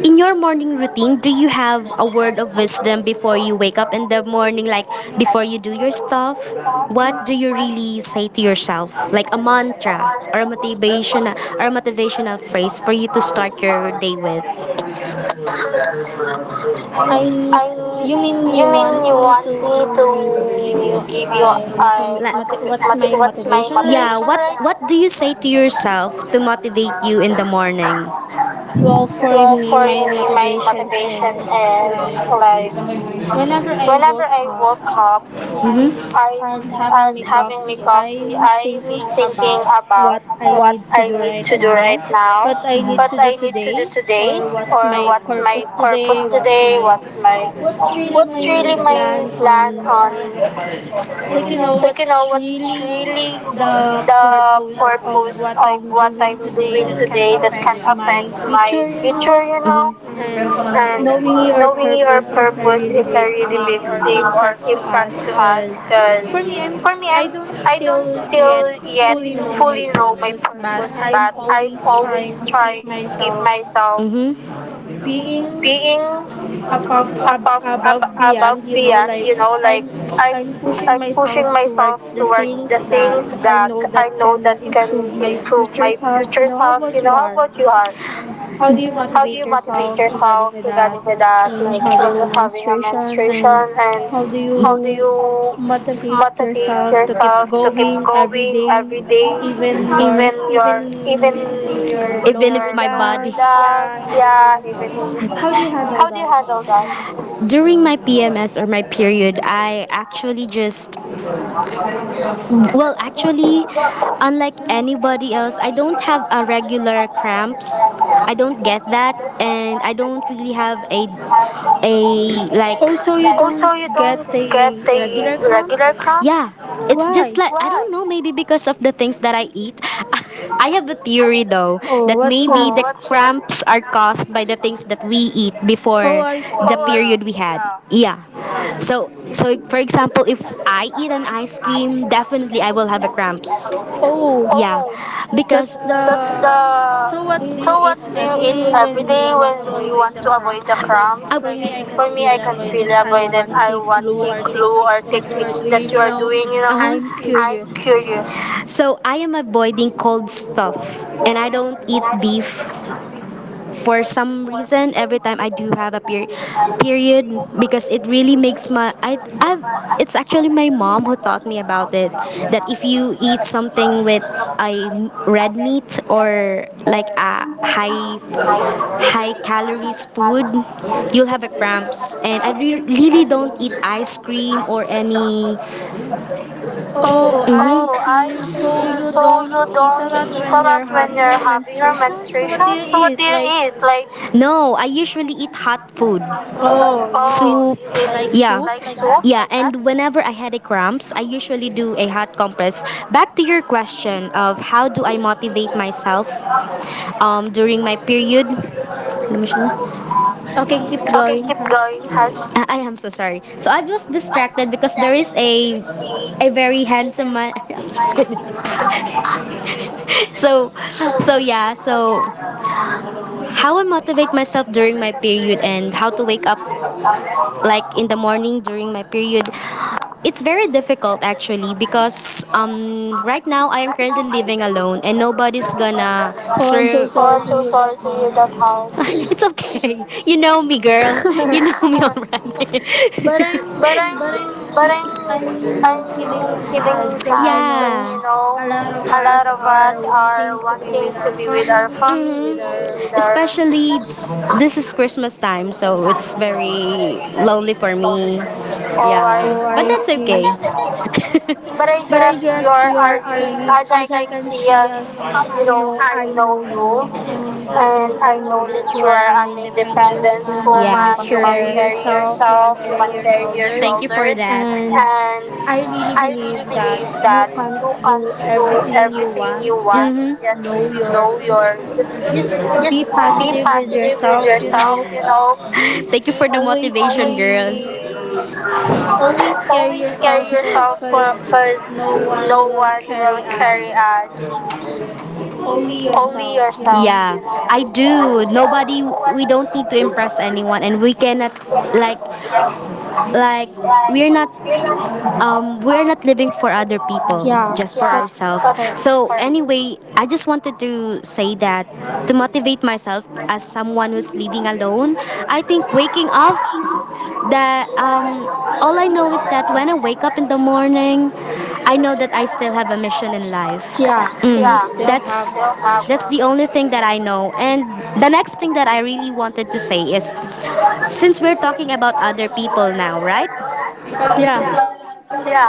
S1: in your morning routine, do you have a word of wisdom before you wake up in the morning, like before you do your stuff? What do you really say to yourself, like a mantra or a motivation or a motivational phrase for you to start your day with?
S2: I
S1: I'm.
S2: You
S1: You
S2: mean
S1: mean
S2: you
S1: you want
S2: want me
S1: me
S2: to
S1: to give
S2: give
S1: you
S2: you a
S1: like,
S2: what's
S1: what's my,
S2: my
S1: yeah, motivation,
S2: motivation,
S1: what,
S2: right?
S1: right, what do you say to yourself to motivate you in the morning?
S2: Well, for me, my motivation
S1: Well, it's
S2: is
S1: like
S2: like
S1: when
S2: whenever I woke up,
S1: cup, mm-hmm,
S2: I
S1: I
S2: and
S1: and
S2: having
S1: my
S2: my
S1: coffee.
S2: coffee,
S1: I'm
S2: I'm
S1: thinking
S2: thinking
S1: about
S2: about
S1: what
S2: what I need
S1: to
S2: to
S1: do
S2: do
S1: right
S2: right now,
S1: now, mm-hmm, but
S2: what I need to do today, or
S1: or
S2: what's my purpose today, what's
S1: what's my,
S2: my what's
S1: what's
S2: really
S1: really
S2: my
S1: my
S2: plan
S1: plan on,
S2: on like you know
S1: like you know
S2: what's
S1: what's
S2: really
S1: really
S2: the
S1: the
S2: purpose of
S1: purpose
S2: what
S1: of
S2: I'm
S1: what I
S2: doing today
S1: do
S2: that can
S1: today that can
S2: affect
S1: affect
S2: my
S1: my
S2: future, you know.
S1: future, you know,
S2: And
S1: mm-hmm. And
S2: knowing your purpose is a
S1: purpose
S2: really big
S1: are really
S2: thing
S1: big
S2: or
S1: or
S2: impact to
S1: impact
S2: us
S1: to us
S2: because
S1: because
S2: for me
S1: for me
S2: I
S1: I
S2: don't
S1: am I do
S2: still
S1: not
S2: yet
S1: still yet
S2: fully know my
S1: you know but
S2: purpose, but I'm
S1: I'm
S2: always trying
S1: always
S2: to keep
S1: trying to keep
S2: myself
S1: myself, mm-hmm,
S2: being
S1: being above
S2: above beyond, you know,
S1: beyond,
S2: like
S1: you know, like
S2: i'm
S1: I'm
S2: I'm pushing
S1: I'm pushing
S2: myself
S1: myself
S2: towards the
S1: towards the
S2: things that
S1: things
S2: I
S1: that
S2: know that
S1: I know
S2: can
S1: that can
S2: improve my
S1: improve
S2: future
S1: my
S2: self, you
S1: future
S2: know. How
S1: self. You
S2: about you?
S1: know, how
S2: Are
S1: about you are
S2: How do you motivate yourself regarding
S1: yourself
S2: with
S1: with
S2: that? Like
S1: that
S2: when you're having a menstruation and
S1: vision,
S2: how do
S1: and do
S2: you
S1: you
S2: motivate yourself to keep
S1: have to keep
S2: going every day
S1: reading
S2: even
S1: and
S2: your
S1: your
S2: even in your lower dance, yeah,
S1: dance,
S2: even
S1: yeah,
S2: in
S1: even
S2: how do you handle
S1: how do you
S2: that?
S1: handle that? During my PMS or my period, I actually just, well, actually, unlike
S2: Unlike anybody
S1: anybody else,
S2: else,
S1: I
S2: I
S1: don't
S2: don't
S1: have
S2: have a
S1: a
S2: regular
S1: regular cramps.
S2: accounts.
S1: I
S2: I
S1: don't
S2: don't get
S1: get that,
S2: that,
S1: and
S2: and
S1: I
S2: I
S1: don't really
S2: don't have
S1: have
S2: a
S1: a a
S2: like. Oh,
S1: like,
S2: like, so you don't
S1: so you don't
S2: get
S1: get
S2: the regular
S1: regular
S2: crumbs?
S1: cramps?
S2: Yeah.
S1: Yeah, cramps? It's
S2: Why?
S1: just like I, why, don't know, maybe
S2: I
S1: because of the things that I eat. I
S2: have
S1: have a
S2: a
S1: theory
S2: theory,
S1: though.
S2: though. Oh,
S1: Maybe,
S2: what's your?
S1: oh, the, oh, that's right, cramps
S2: Cramps
S1: are
S2: are
S1: caused
S2: caused
S1: by
S2: by
S1: the
S2: the
S1: things
S2: things that
S1: that we
S2: we eat.
S1: eat
S2: Oh,
S1: before
S2: I
S1: the
S2: see, yeah.
S1: period we had. Yeah. Yeah.
S2: So,
S1: So
S2: so
S1: so for
S2: for
S1: example,
S2: example,
S1: if
S2: if
S1: I
S2: I do
S1: eat an
S2: the
S1: ice
S2: ice
S1: cream,
S2: cream,
S1: definitely
S2: definitely
S1: I
S2: I
S1: will
S2: will
S1: have
S2: have
S1: a
S2: a
S1: cramps.
S2: cramps. Oh,
S1: Yeah.
S2: yeah,
S1: Oh,
S2: that's
S1: because
S2: the.
S1: that's the.
S2: So what do you
S1: So
S2: eat
S1: what do you
S2: every
S1: eat
S2: day when
S1: every
S2: you
S1: day
S2: want to
S1: when you
S2: avoid the
S1: want to avoid the
S2: crumbs? Like
S1: cramps?
S2: for
S1: Like,
S2: me, I can't
S1: for me,
S2: really
S1: I can't
S2: avoid it.
S1: really
S2: I
S1: avoid it.
S2: want
S1: I
S2: the
S1: want
S2: clue
S1: a
S2: or
S1: clue or
S2: techniques that you are
S1: things
S2: doing.
S1: you
S2: You
S1: are
S2: know,
S1: doing. You know,
S2: I'm curious.
S1: curious.
S2: So
S1: So I
S2: I
S1: am
S2: am
S1: avoiding
S2: avoiding
S1: cold
S2: all
S1: stuff
S2: stuff,
S1: and
S2: and
S1: I
S2: I
S1: don't
S2: don't
S1: eat beef
S2: eat
S1: for
S2: for some
S1: some reason
S2: reason
S1: every
S2: every
S1: time
S2: time
S1: I
S2: I
S1: do
S2: think
S1: have a
S2: about a
S1: period
S2: period
S1: because
S2: because
S1: it
S2: it
S1: really
S2: really
S1: makes
S2: makes my
S1: my I,
S2: I
S1: I it's
S2: it's
S1: actually my
S2: actually my
S1: mom
S2: mom
S1: who
S2: who
S1: taught me
S2: taught me
S1: about
S2: about
S1: it,
S2: it
S1: that
S2: that if
S1: if you
S2: you
S1: eat
S2: eat something
S1: something with
S2: with I
S1: a red
S2: red
S1: meat
S2: meat or
S1: or like
S2: like
S1: a high
S2: high
S1: calories
S2: calories
S1: food
S2: food
S1: you'll
S2: you
S1: have a
S2: have a
S1: cramps
S2: jumps
S1: and I
S2: and I
S1: really
S2: feel
S1: don't
S2: full
S1: eat
S2: with
S1: ice
S2: ice cream
S1: cream or
S2: and
S1: any
S2: oh, I see. So you don't eat a lot when you're having your menstruation? So what do
S1: nutrition?
S2: you
S1: So what
S2: eat?
S1: do you
S2: Like
S1: eat? Like, no, I usually eat hot food.
S2: oh,
S1: Oh,
S2: you eat
S1: soup.
S2: like
S1: You eat, yeah,
S2: soup
S1: like
S2: like that?
S1: soup? Yeah, like that? And whenever I had a cramps, I usually do a hot compress. Back to your question of how do I motivate myself during my period? Let me show you.
S2: Okay, keep going, Heart.
S1: Going hard? I am so sorry. So I was distracted because there is a very handsome man. I'm just kidding. So so
S2: I
S1: how I
S2: would
S1: motivate
S2: motivate myself
S1: myself
S2: during
S1: during my
S2: my day
S1: period
S2: to
S1: and
S2: wake
S1: how
S2: up
S1: to wake
S2: early,
S1: like
S2: like
S1: in
S2: in
S1: the
S2: the morning.
S1: morning during my period, it's
S2: It's
S1: very
S2: very difficult,
S1: difficult
S2: I
S1: actually
S2: think,
S1: because
S2: because
S1: right
S2: right
S1: now
S2: now
S1: I
S2: I
S1: am
S2: am
S1: currently
S2: currently
S1: living
S2: living alone.
S1: alone and
S2: Nobody
S1: nobody's
S2: is
S1: gonna
S2: going. Oh, I'm share so and sorry to hear that,
S1: you
S2: Heart.
S1: don't have. It's okay, you
S2: You
S1: know
S2: know me,
S1: me girl, you
S2: girl.
S1: know me already. But
S2: But
S1: I'm, but
S2: I'm
S1: I'm
S2: feeling sad
S1: sad.
S2: because you know
S1: Yeah. You know,
S2: a lot of
S1: a lot
S2: us
S1: of us
S2: are
S1: are
S2: wanting to be with our
S1: with our
S2: family, with
S1: family.
S2: our
S1: Especially this is Christmas time, so it's
S2: so
S1: very lonely for me.
S2: oh,
S1: Oh, I,
S2: I
S1: yeah, but
S2: see.
S1: see, that's okay.
S2: But okay. I
S1: But I
S2: guess
S1: guess your
S2: you're
S1: RV,
S2: RV, as
S1: as
S2: I
S1: I
S2: can
S1: can
S2: see,
S1: see,
S2: as
S1: as
S2: you
S1: you know,
S2: know, I
S1: I
S2: know
S1: do,
S2: you,
S1: and
S2: and
S1: I
S2: I know
S1: know that
S2: that
S1: you
S2: you are
S1: are
S2: an
S1: dependent,
S2: independent
S1: yeah, woman, yeah,
S2: woman.
S1: you
S2: You
S1: are
S2: can carry
S1: sure
S2: yourself, you can
S1: under
S2: carry your
S1: your, thank you for shoulder.
S2: shoulder,
S1: That. And
S2: and I
S1: I
S2: really
S1: really believe
S2: believe that
S1: that
S2: you
S1: you
S2: can
S1: can
S2: do
S1: do
S2: everything you
S1: everything you
S2: want.
S1: want.
S2: Just
S1: Mhm. Just
S2: know
S1: know
S2: your
S1: your
S2: just be
S1: just be
S2: positive with
S1: positive. You
S2: yourself, you know.
S1: know,
S2: Be
S1: thank you be for the
S2: always
S1: motivation, always girl,
S2: be
S1: be
S2: always carry yourself
S1: yourself
S2: because
S1: because
S2: no one
S1: no
S2: will
S1: one
S2: carry
S1: carry
S2: us,
S1: us.
S2: only
S1: Only
S2: yourself, you
S1: yourself. Yeah. You
S2: know.
S1: know. I do. Nobody, we don't impress anyone, and we cannot, like, like, we're not, we're not living for other people.
S2: Yeah,
S1: Yes for, yeah,
S2: that's
S1: ourselves,
S2: correct.
S1: so for anyway I just wanted to say that to motivate myself as someone who's living alone I think speaking of
S2: That
S1: that, all I know is that when I wake up in the morning I know that I still have a mission in life.
S2: Yeah,
S1: Mm.
S2: you
S1: Yeah.
S2: still have a mission.
S1: That's the only thing that I know. And the next thing that I really wanted
S2: Really.
S1: to say is since we're talking about other people,
S2: Right?
S1: right?
S2: Yeah.
S1: Yeah.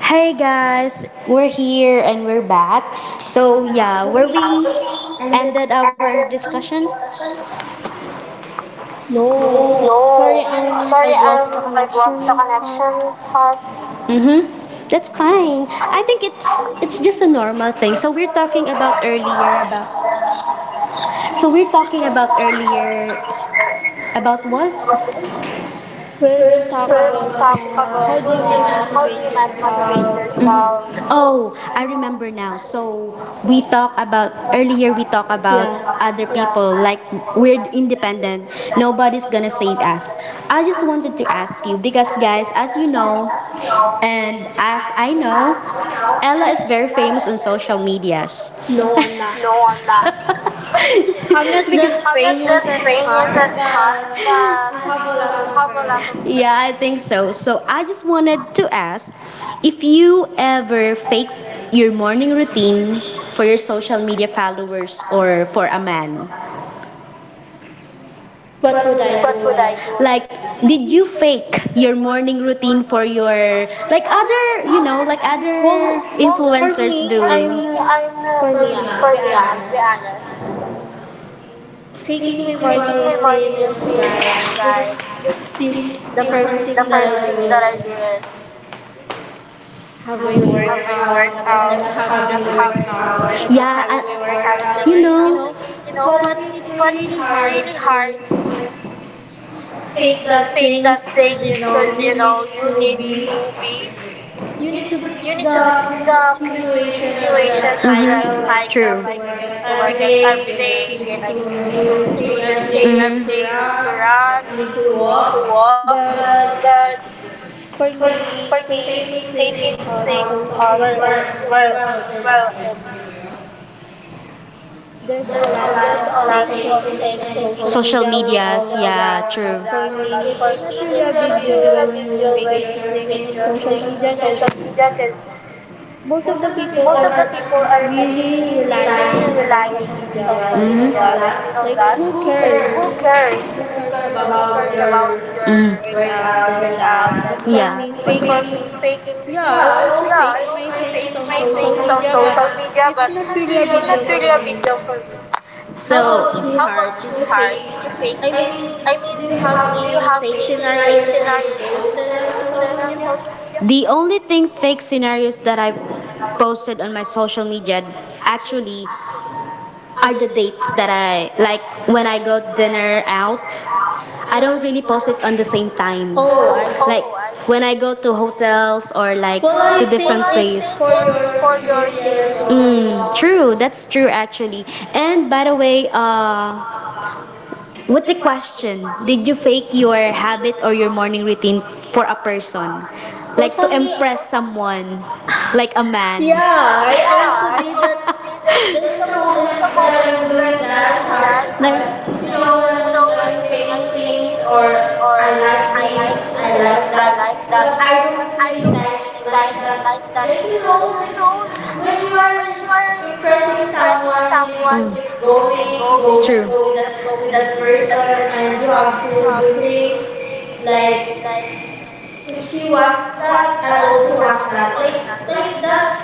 S1: Hey guys, we're here and we're back. So yeah, were we our discussion?
S2: No. Sorry,
S1: No. Sorry,
S2: I've lost the
S1: I've lost the
S2: connection part.
S1: connection part. Mm-hmm. That's fine. I think it's just a normal thing. So we're talking about earlier about, so we're talking
S2: So
S1: about earlier about what?
S2: we've talked
S1: Let's
S2: about
S1: talk about
S2: how do
S1: how
S2: you
S1: do you
S2: motivate
S1: motivate,
S2: yourself
S1: mhm, yourself?
S2: early.
S1: Oh, I remember now. So we talk about earlier we talk about
S2: Yeah.
S1: other people like we're independent.
S2: No, I'm
S1: Nobody's gonna save us. I just wanted to ask you because guys, as you know, and as I know, Ella is very famous on social medias.
S2: not.
S1: No, I'm not.
S2: I'm not
S1: Because
S2: that
S1: I'm not that
S2: famous at
S1: famous
S2: heart,
S1: as
S2: but and
S1: that.
S2: have a lot of friends.
S1: Yeah, I think so. So I just wanted to ask if you ever fake your morning routine for your social media followers or for a man.
S2: What would I do like that?
S1: Like, did you fake your morning routine for your like other, you know, like other
S2: Well, for
S1: influencers
S2: me,
S1: do it? For
S2: I'm
S1: me,
S2: not,
S1: yeah,
S2: For me, to be
S1: to be
S2: honest,
S1: honest,
S2: faking my morning routine is like this.
S1: like,
S2: This the first thing that I do
S1: that I
S2: is
S1: do is
S2: have a
S1: having
S2: workout, but I'm
S1: workout,
S2: not having a
S1: having
S2: workout.
S1: fun.
S2: I'm not
S1: Yeah.
S2: having my workout. Like,
S1: You
S2: you know,
S1: know, you
S2: but
S1: know,
S2: it's
S1: but
S2: really
S1: it's
S2: hard
S1: really
S2: to
S1: hard to
S2: fake
S1: fake
S2: that things
S1: that
S2: because,
S1: thing
S2: you know,
S1: because you know you need to be
S2: you need
S1: you
S2: to
S1: need
S2: be
S1: to be in
S2: the
S1: the
S2: continuation of that
S1: situations,
S2: cycle.
S1: mhm,
S2: Like,
S1: cycle,
S2: you
S1: true,
S2: need to
S1: like
S2: work out every day.
S1: every
S2: You're like,
S1: day
S2: you
S1: you
S2: need
S1: like
S2: to do this thing every day.
S1: day,
S2: You need
S1: mhm,
S2: to
S1: to
S2: run.
S1: run
S2: You need to walk.
S1: to walk,
S2: But
S1: but
S2: for
S1: for
S2: me, faking
S1: me faking
S2: things on
S1: things also work well,
S2: it's
S1: and
S2: there's a lot
S1: there's
S2: of
S1: a lot
S2: fake things
S1: of fake
S2: in
S1: things
S2: social
S1: social
S2: media, we
S1: media,
S2: all know that.
S1: true,
S2: But for me, it's not
S1: because
S2: really a big deal when
S1: you
S2: you fake
S1: will
S2: your things on social media because
S1: because
S2: most of the people are not
S1: people are
S2: really
S1: really
S2: relying on
S1: relying
S2: social
S1: on,
S2: media. Like, you
S1: mhm,
S2: know
S1: your job
S2: that?
S1: and you know
S2: Like,
S1: that.
S2: who
S1: Who cares?
S2: cares?
S1: Who cares
S2: Who cares about
S1: about your,
S2: your
S1: Mm.
S2: workout like that? But for me,
S1: um,
S2: faking,
S1: People faking?
S2: yeah, I also
S1: Yeah,
S2: fake my things on social
S1: it's on
S2: media, but
S1: social media,
S2: it's
S1: but it's
S2: not
S1: not
S2: really a big deal
S1: really
S2: for
S1: a
S2: me.
S1: big deal for me.
S2: How
S1: So,
S2: about you, Heart? Did you
S1: did
S2: fake?
S1: you fake?
S2: I mean,
S1: I
S2: do you
S1: mean,
S2: have
S1: you
S2: any
S1: have to
S2: fake
S1: fake
S2: scenarios
S1: scenarios
S2: that you've posted on social
S1: on
S2: media?
S1: social media.
S2: The
S1: The only
S2: only
S1: thing
S2: fake
S1: fake
S2: scenarios
S1: scenarios that
S2: that,
S1: I've
S2: I posted
S1: posted
S2: on
S1: on
S2: my
S1: my
S2: social
S1: social
S2: media
S1: media
S2: actually
S1: actually,
S2: are
S1: the
S2: the
S1: dates
S2: dates
S1: that
S2: that,
S1: I like
S2: like, when
S1: when I
S2: I
S1: go
S2: go dinner
S1: dinner out,
S2: out, I
S1: I
S2: don't
S1: don't really
S2: really
S1: post
S2: post
S1: it
S2: it
S1: on
S2: every
S1: the
S2: single
S1: same
S2: time.
S1: time.
S2: Oh,
S1: Oh,
S2: I see.
S1: like, oh, I see,
S2: When
S1: when I
S2: I go
S1: go to
S2: to
S1: hotels
S2: hotels
S1: or
S2: or like.
S1: like
S2: Well, I think it's
S1: place. It's
S2: for your
S1: for your
S2: security
S1: safety
S2: as
S1: as
S2: well, you know.
S1: well. Mm, true, that's true actually.
S2: And by
S1: And by the
S2: the way,
S1: way,
S2: with
S1: what the
S2: the question,
S1: question?
S2: did
S1: Did you
S2: you
S1: fake
S2: think you were
S1: your
S2: an
S1: habit
S2: addict or
S1: or your
S2: you were
S1: morning
S2: really
S1: routine for
S2: what
S1: a
S2: a person?
S1: person?
S2: Well,
S1: Like,
S2: like, for me,
S1: impress
S2: impress someone,
S1: someone,
S2: like
S1: like
S2: a
S1: a
S2: man.
S1: man.
S2: Yeah, I also did that. There's
S1: Does
S2: some moments that I'm doing that
S1: that
S2: hard.
S1: have,
S2: That you
S1: you
S2: know
S1: know, when
S2: when I'm faking
S1: unfaithful
S2: things
S1: things,
S2: or
S1: or
S2: I
S1: I
S2: like
S1: like
S2: this,
S1: things,
S2: I
S1: I
S2: like
S1: like
S2: that,
S1: that, like that.
S2: but
S1: But
S2: I don't
S1: I
S2: really
S1: don't
S2: di-
S1: like
S2: like
S1: that,
S2: that.
S1: like that.
S2: Like
S1: Like,
S2: you
S1: you
S2: know,
S1: know,
S2: like
S1: you know, when
S2: when you are
S1: you are
S2: impressing
S1: impressing someone,
S2: someone you need to keep
S1: you
S2: going, go with
S1: go,
S2: the
S1: true,
S2: flow with
S1: with
S2: that
S1: that person,
S2: person,
S1: and
S2: and you
S1: you
S2: have
S1: have
S2: to do
S1: feelings
S2: things like
S1: like,
S2: if she
S1: he
S2: wants
S1: wants
S2: that,
S1: that,
S2: I
S1: I
S2: also
S1: also
S2: want
S1: want
S2: that,
S1: that.
S2: like
S1: Like
S2: that
S1: that.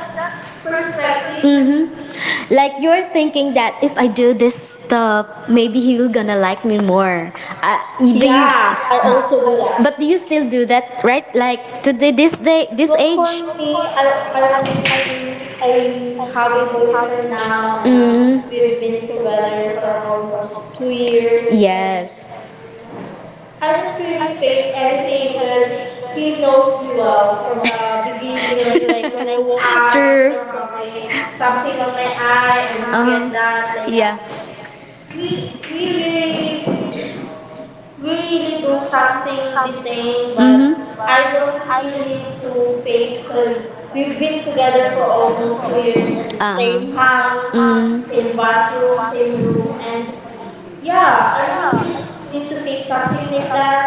S2: perspective,
S1: Perspective.
S2: you know.
S1: Mm-hmm.
S2: Like
S1: Like,
S2: we
S1: you're
S2: were thinking
S1: thinking
S2: that
S1: that
S2: if
S1: if I
S2: we
S1: do
S2: do
S1: this
S2: this, you know,
S1: stuff, maybe he
S2: maybe he's
S1: will gonna
S2: gonna
S1: like
S2: like me
S1: me
S2: more.
S1: more. You do,
S2: Yeah, I also do that, but
S1: but do you
S2: you still
S1: still do
S2: do that,
S1: that,
S2: right?
S1: right?
S2: Like
S1: Like
S2: to
S1: to the,
S2: do
S1: this
S2: this,
S1: day,
S2: like this.
S1: this
S2: Well, for
S1: age. For
S2: me,
S1: parang I
S2: I have a
S1: have
S2: boyfriend
S1: boyfriend
S2: now,
S1: now.
S2: and
S1: Mm.
S2: we've
S1: We've
S2: been
S1: been
S2: together
S1: together
S2: for
S1: for
S2: almost
S1: almost
S2: two
S1: 2 years.
S2: years, yeah, and
S1: Yes.
S2: I
S1: I
S2: don't
S1: don't
S2: really
S1: really
S2: fake
S1: fake
S2: anything
S1: anything
S2: because
S1: because
S2: he
S1: he
S2: knows
S1: knows
S2: me
S1: me
S2: well
S1: well
S2: from
S1: from the
S2: the beginning. Like when I
S1: beginning. Of, you know, I
S2: woke
S1: woke up,
S2: up, I
S1: true,
S2: still have a
S1: have something
S2: something on
S1: on
S2: my
S1: my
S2: eye,
S1: eye and,
S2: and he
S1: uh-huh,
S2: get
S1: like
S2: that.
S1: that.
S2: Like
S1: Like, yeah, that.
S2: we
S1: We
S2: we
S1: we really
S2: really we really do
S1: do something
S2: something the
S1: the
S2: same,
S1: same.
S2: but
S1: Mhm.
S2: I
S1: I don't
S2: don't
S1: I
S2: really need
S1: need
S2: to
S1: to
S2: fake
S1: fake
S2: because
S1: because we
S2: we've been together for almost
S1: almost
S2: two
S1: two
S2: years
S1: years
S2: in the
S1: and
S2: same
S1: huh. House,
S2: house,
S1: mm,
S2: same
S1: same
S2: bathroom,
S1: bathroom,
S2: same
S1: same room,
S2: room, and
S1: and
S2: yeah,
S1: yeah, I
S2: I don't really
S1: don't
S2: need
S1: really.
S2: to fake something like that.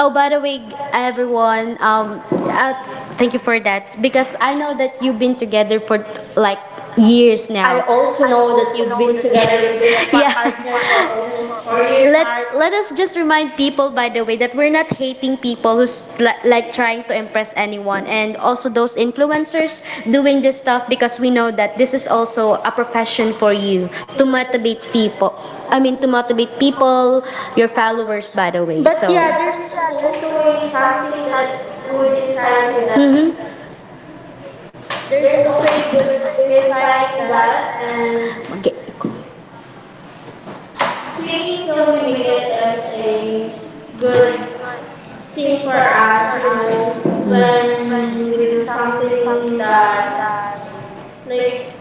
S2: Oh,
S1: by the
S2: well,
S1: way,
S2: I will
S1: everyone,
S2: warm up, thank
S1: thank
S2: you
S1: you
S2: for
S1: for
S2: that
S1: that because
S2: because
S1: I
S2: I
S1: know
S2: know
S1: that
S2: that you
S1: you've
S2: have
S1: been
S2: been together
S1: together for
S2: for
S1: like
S2: like
S1: years
S2: years now. I
S1: now.
S2: also know that you've been together with your
S1: Yeah,
S2: partner for almost 4 years,
S1: let
S2: Heart. Well,
S1: let
S2: let's
S1: us just
S2: just remind
S1: remind people,
S2: people,
S1: by
S2: by
S1: the
S2: the
S1: way,
S2: way,
S1: that we're
S2: you're not
S1: not
S2: dating
S1: hating people
S2: people's
S1: who's li-
S2: like
S1: like
S2: trying
S1: trying to
S2: to
S1: impress
S2: impress anyone
S1: anyone, and
S2: and
S1: also
S2: also
S1: those
S2: those influencers
S1: influencers doing
S2: doing
S1: this
S2: this stuff
S1: stuff
S2: because
S1: because we
S2: we
S1: know
S2: know
S1: that
S2: that
S1: this
S2: this
S1: is
S2: is
S1: also
S2: also
S1: a
S2: a profession
S1: profession for
S2: for
S1: you
S2: you
S1: to
S2: to motivate
S1: motivate people.
S2: people.
S1: I mean,
S2: To
S1: to
S2: motivate
S1: motivate people,
S2: people,
S1: your
S2: your followers
S1: followers,
S2: by
S1: by the
S2: the way.
S1: way.
S2: But yeah, there's also a something
S1: Something
S2: that
S1: that,
S2: good insight with that.
S1: mhm,
S2: There's also a good insight with
S1: inside
S2: that,
S1: that
S2: and
S1: and mag
S2: faking till you make it is
S1: it's
S2: a
S1: a good
S2: good thing for
S1: for
S2: us,
S1: us,
S2: you
S1: you
S2: know,
S1: know, mm,
S2: when we do
S1: when something
S2: something that
S1: that,
S2: like
S1: like,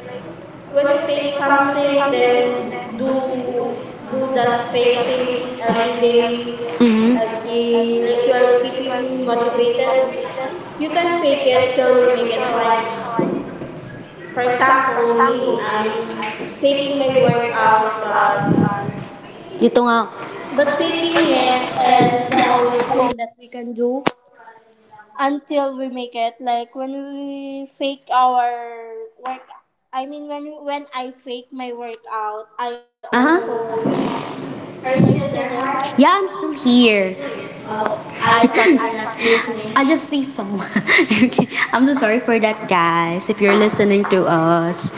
S2: when
S1: when
S2: you
S1: you
S2: fake
S1: fake something
S2: something then
S1: and
S2: do do
S1: do
S2: that
S1: that
S2: fake things every day,
S1: fake, mhm,
S2: every like you are keeping motivated.
S1: and,
S2: You can fake it till you make it. Like
S1: like,
S2: for example
S1: for
S2: me,
S1: me,
S2: I'm
S1: I'm
S2: faking
S1: faking
S2: my
S1: my
S2: workout,
S1: workout,
S2: but
S1: but
S2: faking
S1: faking
S2: it
S1: it
S2: is
S1: is
S2: the
S1: the
S2: only
S1: only thing.
S2: thing that we can do until we make it. Like when we fake our work, I mean when I fake my workout I
S1: Aha.
S2: also are you
S1: Are you
S2: still
S1: still
S2: there,
S1: there,
S2: Har?
S1: Mark? Yeah, I'm still here.
S2: Oh,
S1: Oh,
S2: I
S1: I thought
S2: thought
S1: I'm
S2: you're not
S1: not
S2: listening.
S1: listening. I just see someone. Okay. I'm so sorry for that, guys, if you're listening to us.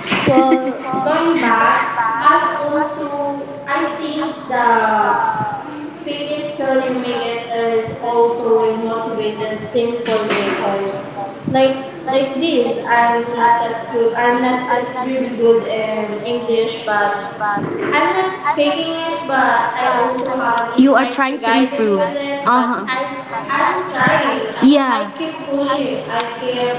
S2: Well, going back,
S1: I also
S2: I
S1: I see
S2: think
S1: the
S2: the fake it till you make it is
S1: face
S2: also
S1: also
S2: a motivated thing for me because
S1: matters.
S2: like
S1: like
S2: like
S1: like
S2: this,
S1: at the
S2: I'm not that really good in English, but
S1: judge bag.
S2: I'm not faking it,
S1: But
S2: but I
S1: I
S2: also have an
S1: you are
S2: insights
S1: trying to
S2: regarding
S1: improve. Uh
S2: with it,
S1: huh.
S2: but
S1: I'm I'm trying.
S2: I
S1: Yeah, I
S2: keep pushing,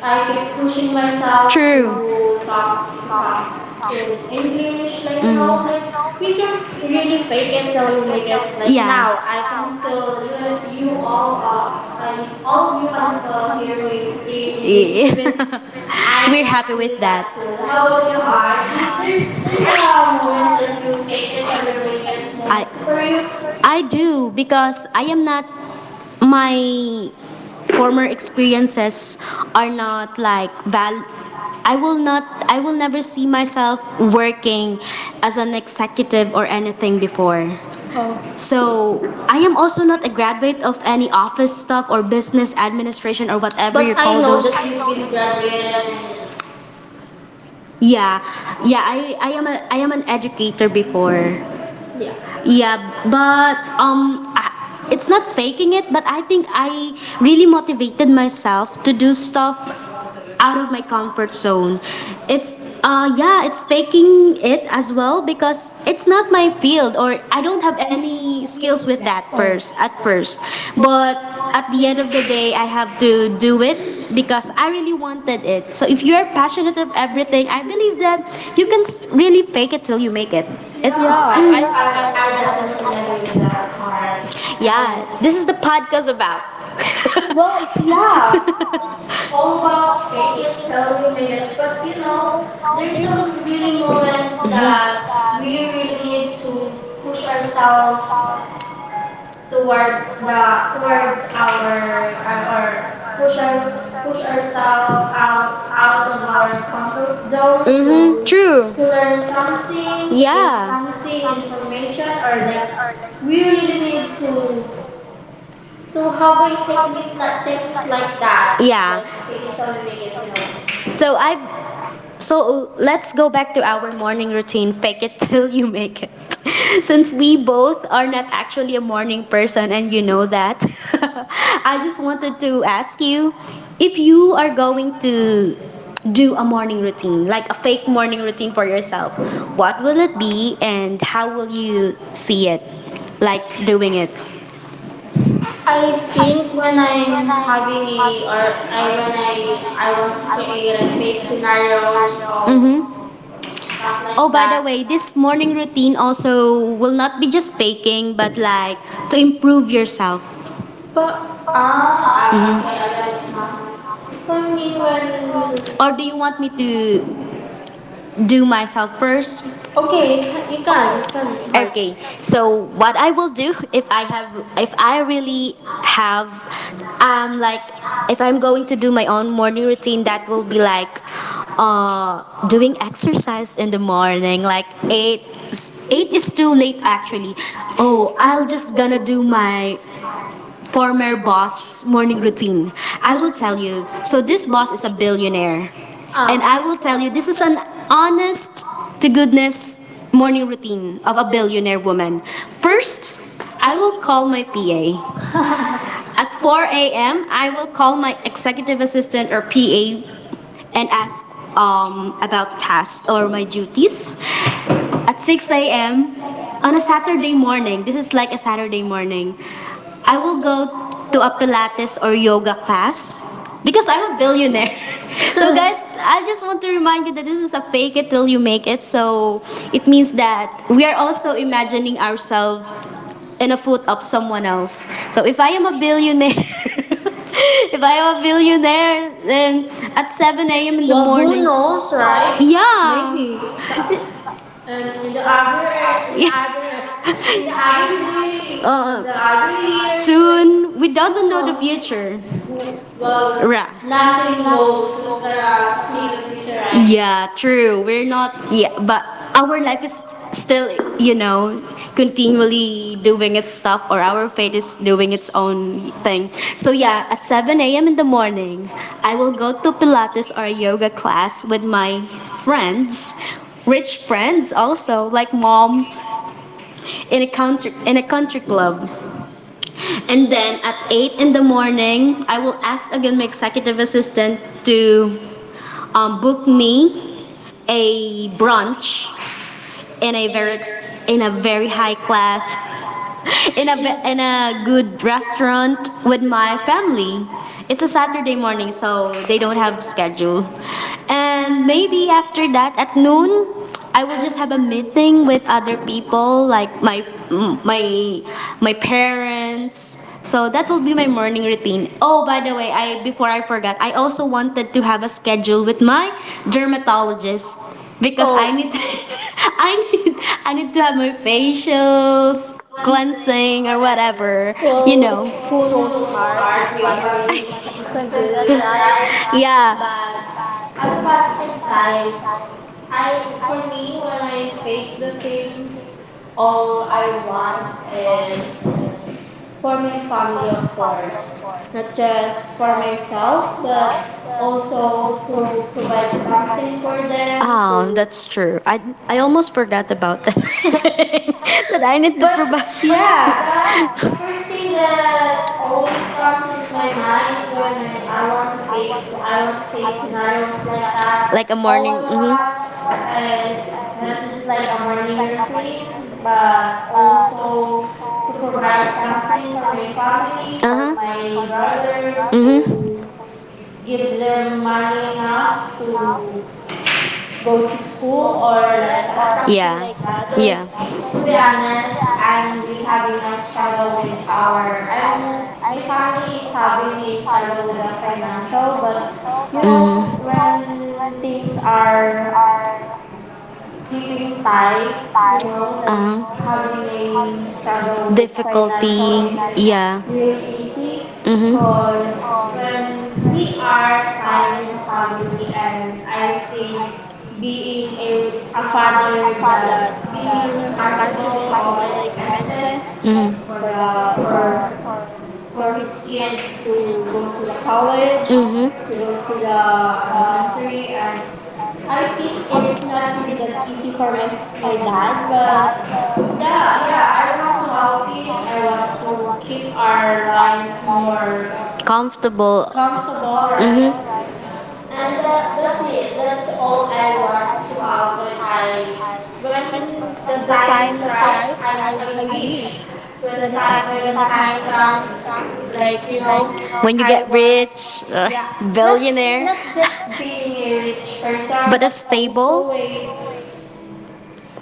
S2: I kept pushing
S1: am,
S2: myself
S1: true.
S2: to
S1: To talk,
S2: talk
S1: talk.
S2: in English, like you know,
S1: Mm.
S2: like we can really fake it till you make it. Like now, I can still you and you all I all of you can still hear me speak English even
S1: We're
S2: I'm not really that good. How about you, Heart? There's
S1: happy
S2: a moment that you fake
S1: that.
S2: it till you make it moment for you.
S1: I do because I am not my
S2: Our
S1: experiences
S2: experiences
S1: are
S2: are
S1: not
S2: not
S1: like
S2: like
S1: val
S2: valid.
S1: I
S2: I
S1: will
S2: will
S1: not
S2: not.
S1: I
S2: I
S1: will
S2: will never
S1: see
S2: see
S1: myself
S2: myself
S1: working
S2: working as
S1: as an
S2: an executive
S1: executive or
S2: or anything
S1: anything before.
S2: before. Oh.
S1: So
S2: So I am
S1: also
S2: also
S1: not
S2: not
S1: a
S2: a graduate
S1: graduate of
S2: of
S1: any
S2: any
S1: office
S2: office
S1: stuff
S2: stuff
S1: or
S2: or
S1: business
S2: business
S1: administration
S2: administration
S1: or
S2: or whatever.
S1: whatever.
S2: But I know that you've been graduated and yeah,
S1: Yeah, yeah.
S2: yeah,
S1: I I am a I am
S2: I'm
S1: an
S2: an
S1: educator
S2: STW owner.
S1: before.
S2: Yeah.
S1: Yeah,
S2: Yeah, but
S1: but I, it's
S2: it's
S1: not
S2: not
S1: faking
S2: faking it,
S1: it, but
S2: but
S1: I
S2: I
S1: think
S2: think I
S1: really
S2: really
S1: motivated
S2: motivated myself
S1: myself to
S2: to
S1: do
S2: do
S1: stuff
S2: stuff
S1: out
S2: out of
S1: of
S2: my
S1: comfort
S2: comfort zone.
S1: zone. It's
S2: It's
S1: yeah,
S2: not
S1: it's faking
S2: escaping
S1: it
S2: it
S1: as
S2: as
S1: well
S2: well
S1: because
S2: because
S1: it's
S2: it's
S1: not
S2: not
S1: my
S2: my field,
S1: field or
S2: or I
S1: I don't
S2: don't
S1: have
S2: have any
S1: any skills
S2: skills
S1: with
S2: with
S1: that
S2: that. Oh, first
S1: first at
S2: at
S1: first,
S2: first. But
S1: but at
S2: at the
S1: the
S2: end
S1: end
S2: of
S1: of the
S2: the day,
S1: day, I
S2: I have.
S1: have to do it because I really wanted it. So if you're
S2: Computer
S1: passionate
S2: faster
S1: of
S2: than
S1: everything,
S2: everything. I
S1: I
S2: believe
S1: believe that
S2: that you
S1: you can s-
S2: guys
S1: really
S2: really
S1: fake
S2: made
S1: it
S2: it till
S1: till
S2: you
S1: you
S2: made
S1: make it.
S2: it.
S1: It's mm,
S2: Yeah,
S1: I
S2: I
S1: definitely
S2: definitely agree
S1: agree
S2: with
S1: with
S2: that
S1: that
S2: part.
S1: part.
S2: And
S1: Yeah, this
S2: this
S1: is
S2: is
S1: the
S2: a time
S1: podcast
S2: of
S1: about.
S2: gap. Well,
S1: Yeah,
S2: yeah, it's
S1: it's
S2: all
S1: all
S2: about
S1: about
S2: fake
S1: fake
S2: it
S1: it
S2: till
S1: till
S2: you
S1: you
S2: make
S1: make
S2: it.
S1: it. But you know,
S2: There's
S1: there's some
S2: some really
S1: really
S2: moments
S1: moments mhm,
S2: that
S1: that
S2: we
S1: we
S2: really
S1: really
S2: need
S1: need to
S2: to push
S1: push
S2: ourselves
S1: ourselves
S2: towards
S1: towards the
S2: the towards
S1: towards our
S2: our
S1: or
S2: our push
S1: push
S2: our
S1: our
S2: push
S1: push
S2: ourselves
S1: ourselves
S2: out out
S1: out
S2: of
S1: of our
S2: our comfort
S1: comfort zone,
S2: zone to
S1: mm-hmm, to, true, to
S2: learn
S1: learn something.
S2: something to gain
S1: Yeah.
S2: something information, or like
S1: That are
S2: we
S1: like
S2: really need to have a technique like that,
S1: that. Yeah.
S2: like fake it till we make it.
S1: So I
S2: So
S1: so let's
S2: let's
S1: go
S2: go
S1: back
S2: back
S1: to
S2: to
S1: our
S2: our morning
S1: morning routine.
S2: routine
S1: Fake it
S2: and
S1: till you
S2: to
S1: make it.
S2: breakfast.
S1: Since
S2: Since
S1: we
S2: we
S1: both
S2: both
S1: are
S2: are
S1: not
S2: not
S1: actually
S2: actually
S1: a
S2: a
S1: morning
S2: morning person
S1: person and
S2: and
S1: you
S2: we
S1: know
S2: know
S1: that,
S2: that, I just wanted
S1: to
S2: to
S1: ask
S2: ask you,
S1: you if
S2: if
S1: you
S2: you
S1: are
S2: are
S1: going
S2: going to
S1: to do
S2: do
S1: a
S2: a
S1: morning
S2: morning routine,
S1: routine, like
S2: like
S1: a
S2: a
S1: fake
S2: fake
S1: morning
S2: morning
S1: routine
S2: routine
S1: for
S2: for
S1: yourself,
S2: yourself,
S1: what
S2: what would
S1: will it
S2: it be
S1: be
S2: and
S1: and how
S2: how
S1: will
S2: would you
S1: you see
S2: see
S1: it,
S2: it?
S1: like
S2: Like
S1: doing
S2: doing
S1: it?
S2: it? I think when I'm having a or I when I want to create a fake scenarios or
S1: Mm-hmm.
S2: stuff like,
S1: Oh,
S2: oh, by
S1: by the
S2: that. The
S1: way,
S2: way,
S1: this
S2: this
S1: morning
S2: morning
S1: routine
S2: routine also
S1: also will
S2: will
S1: not
S2: not
S1: be
S2: be
S1: just
S2: displayed
S1: faking,
S2: in
S1: but
S2: your
S1: like
S2: life
S1: to
S2: to
S1: improve
S2: improve yourself.
S1: yourself.
S2: But ah, I, okay, I
S1: Mm-hmm.
S2: get it now, hon. For me, when, or we want
S1: Me
S2: me
S1: to
S2: to
S1: do
S2: do
S1: myself
S2: myself
S1: first.
S2: first. Okay, you can, you can, you can, hard. Okay.
S1: Okay, so
S2: So what
S1: what I
S2: I
S1: will
S2: will
S1: do
S2: do if I have, if
S1: if I
S2: I
S1: really
S2: really have,
S1: have, uh,
S2: um, if
S1: if I'm
S2: I'm
S1: going
S2: going
S1: to
S2: to
S1: do
S2: do
S1: my
S2: my
S1: own
S2: own
S1: morning
S2: morning routine,
S1: routine, that
S2: that
S1: will
S2: would be
S1: be like
S2: like uh,
S1: doing
S2: doing exercise
S1: exercise
S2: in
S1: in the
S2: the morning,
S1: morning,
S2: like
S1: like eight.
S2: eight. Eight
S1: It's
S2: is
S1: too
S2: still late
S1: late
S2: actually.
S1: actually. Oh,
S2: Oh, I'm just gonna do my
S1: for
S2: former
S1: boss
S2: boss morning
S1: morning
S2: routine.
S1: routine.
S2: I
S1: I,
S2: will tell you.
S1: so
S2: So this
S1: this
S2: boss
S1: is a
S2: is a billionaire.
S1: billionaire.
S2: And oh, I will tell you, this
S1: This
S2: is
S1: is an
S2: an
S1: honest
S2: honest to
S1: to
S2: do
S1: goodness
S2: this morning
S1: morning
S2: routine
S1: routine
S2: of
S1: of a
S2: a
S1: billionaire
S2: billionaire woman.
S1: woman. First,
S2: First, I will call
S1: my
S2: my
S1: PA.
S2: PA. At
S1: As
S2: 4
S1: I am,
S2: a.m.,
S1: I
S2: I
S1: will
S2: will
S1: call
S2: call my
S1: my
S2: executive
S1: executive
S2: assistant
S1: assistant or
S2: or
S1: PA
S2: PA and ask
S1: about
S2: about past
S1: tasks or my duties.
S2: opportunities. At
S1: At six
S2: 6
S1: on
S2: a.m. on a Saturday morning,
S1: morning, this is
S2: this is like a
S1: Saturday
S2: Saturday morning,
S1: morning,
S2: I will go to
S1: to a
S2: a
S1: Pilates
S2: Pilates
S1: or
S2: or
S1: yoga
S2: yoga
S1: class.
S2: class because I'm a billionaire. Just- I
S1: I just
S2: just want
S1: want to
S2: to
S1: remind you
S2: remind you
S1: that this
S2: that this
S1: is
S2: is
S1: a
S2: a
S1: fake it
S2: favorite
S1: till you
S2: for me,
S1: make it.
S2: and
S1: So
S2: so it
S1: it means
S2: means
S1: that
S2: that we
S1: we
S2: are
S1: are
S2: also
S1: imagining
S2: imagining
S1: ourselves
S2: ourselves in
S1: in a
S2: the food
S1: foot of
S2: of someone
S1: someone
S2: else.
S1: else.
S2: So
S1: So
S2: if
S1: if
S2: I
S1: I am a
S2: am a
S1: billionaire,
S2: billionaire, if
S1: if I'm
S2: I
S1: a
S2: am a
S1: billionaire,
S2: billionaire, then
S1: then
S2: at
S1: at 6 a.m.
S2: 7 a.m.
S1: in the
S2: Well, who knows, right? Yeah.
S1: yeah,
S2: Maybe s- and in the other in the other day, on the
S1: uh,
S2: other year, like,
S1: soon
S2: who
S1: without
S2: knows, we,
S1: teacher.
S2: who, well,
S1: Ra.
S2: nothing knows who's gonna see the future, right?
S1: Yeah, true. We're not yeah, but our still, you know, continually doing its stuff or our faith is doing its own thing. So yeah, at 7 a.m. in the morning, I go to Pilates or yoga class with my friends, rich
S2: Rich
S1: friends
S2: friends
S1: also,
S2: also,
S1: like
S2: like moms
S1: moms
S2: in a
S1: in a country
S2: country
S1: club.
S2: club. And
S1: And
S2: then
S1: then at
S2: at eight
S1: 8
S2: in
S1: in
S2: the
S1: the
S2: morning,
S1: morning, I
S2: I
S1: will
S2: will
S1: ask
S2: ask a
S1: again
S2: young
S1: my executive
S2: executive assistant
S1: assistant to
S2: to
S1: booked
S2: book
S1: me
S2: me a
S1: a brunch
S2: brunch in
S1: in a
S2: a
S1: very in a very
S2: very
S1: high
S2: high
S1: class
S2: class,
S1: in
S2: in
S1: a ve-
S2: a
S1: in a
S2: good
S1: good
S2: restaurant
S1: restaurant with
S2: with
S1: my
S2: my family.
S1: family. It's
S2: It's
S1: a
S2: a
S1: Saturday
S2: Saturday
S1: morning,
S2: morning, so
S1: so they
S2: they
S1: don't
S2: don't have
S1: have
S2: a schedule.
S1: schedule. And
S2: And
S1: maybe
S2: maybe after
S1: after that
S2: that, at
S1: at noon,
S2: home,
S1: I
S2: I
S1: will
S2: will
S1: just
S2: just
S1: have
S2: have
S1: a
S2: a meeting
S1: meeting with
S2: with
S1: other
S2: other
S1: people
S2: people,
S1: like
S2: like
S1: my
S2: my
S1: mm,
S2: my
S1: my
S2: my
S1: parents.
S2: parents.
S1: So
S2: So
S1: that
S2: that
S1: will be
S2: would
S1: my
S2: be more
S1: morning
S2: important.
S1: routine. Oh,
S2: Oh,
S1: by
S2: by
S1: the
S2: the
S1: way,
S2: way,
S1: I
S2: I
S1: before
S2: before
S1: I
S2: I
S1: forgot,
S2: forget,
S1: I
S2: I
S1: also
S2: also wanted
S1: wanted to
S2: to
S1: have a
S2: have a
S1: schedule
S2: schedule
S1: with
S2: with
S1: my
S2: my
S1: dermatologist
S2: dermatologist because
S1: because
S2: oh,
S1: I
S2: I
S1: need
S2: need
S1: to,
S2: to.
S1: I
S2: I
S1: need
S2: need
S1: to
S2: to
S1: have
S2: have
S1: my
S2: my
S1: facials,
S2: facials,
S1: cleansing
S2: cleansing,
S1: or
S2: or
S1: whatever,
S2: whatever.
S1: you know.
S2: Well, who
S1: Full
S2: knows, heart?
S1: scarf,
S2: Maybe one
S1: you
S2: day you ca- you
S1: can
S2: can do
S1: do
S2: that, right?
S1: that, right?
S2: Yeah.
S1: Yeah.
S2: But on the
S1: At
S2: positive
S1: positive
S2: side,
S1: side,
S2: I,
S1: I
S2: for
S1: for
S2: me,
S1: me
S2: when
S1: when
S2: I
S1: I
S2: fake
S1: think
S2: the
S1: the
S2: things,
S1: things,
S2: all
S1: all
S2: I
S1: I
S2: want
S1: want is.
S2: is for my family, of course, not just for myself, but also to provide something for them. To
S1: Oh, that's true. I almost forgot about that. That I need
S2: but yeah, the
S1: to.
S2: first thing that
S1: That
S2: always
S1: always
S2: comes
S1: comes in
S2: in my
S1: my mind
S2: mind when
S1: when
S2: I want to
S1: I,
S2: fake, I want
S1: want
S2: to
S1: to
S2: fake
S1: take
S2: scenarios like that.
S1: that. Like a
S2: All
S1: morning.
S2: I
S1: One
S2: want is not
S1: is
S2: just like a morning routine, but
S1: also
S2: also to
S1: to
S2: provide
S1: provide
S2: something
S1: something,
S2: for my family, for my brothers,
S1: mm-hmm,
S2: to give them money enough
S1: enough to
S2: to go to school or
S1: like
S2: like that,
S1: that's,
S2: something
S1: yeah.
S2: like that. Because
S1: Yeah.
S2: to be
S1: Sometimes
S2: honest, I'm really
S1: I'm
S2: having a
S1: gonna,
S2: struggle with our. I'm, my family is having a struggle with the financial, but you know
S1: mm-hmm,
S2: when things are keeping tight, you know, like
S1: uh-huh,
S2: having a
S1: things
S2: struggle with financial
S1: the,
S2: isn't
S1: yeah.
S2: really easy because
S1: Mm-hmm.
S2: when
S1: When
S2: we
S1: we
S2: are
S1: are
S2: five in a
S1: finding,
S2: family, and I think being a father that being responsible to all the expenses for
S1: mm-hmm,
S2: the for his kids to go to the college, to
S1: mm-hmm,
S2: go to the elementary, and I think it's not really that easy for my dad, but yeah, yeah, I want to help him. I want to keep our life more
S1: comfortable.
S2: comfortable, right?
S1: Mm-hmm.
S2: And that, that's it, that's all I want to have when I, when the time is right, I wish, when the time comes, like, you know,
S1: When you
S2: I
S1: get
S2: want,
S1: rich,
S2: yeah, not,
S1: billionaire.
S2: not just being a rich person, but also a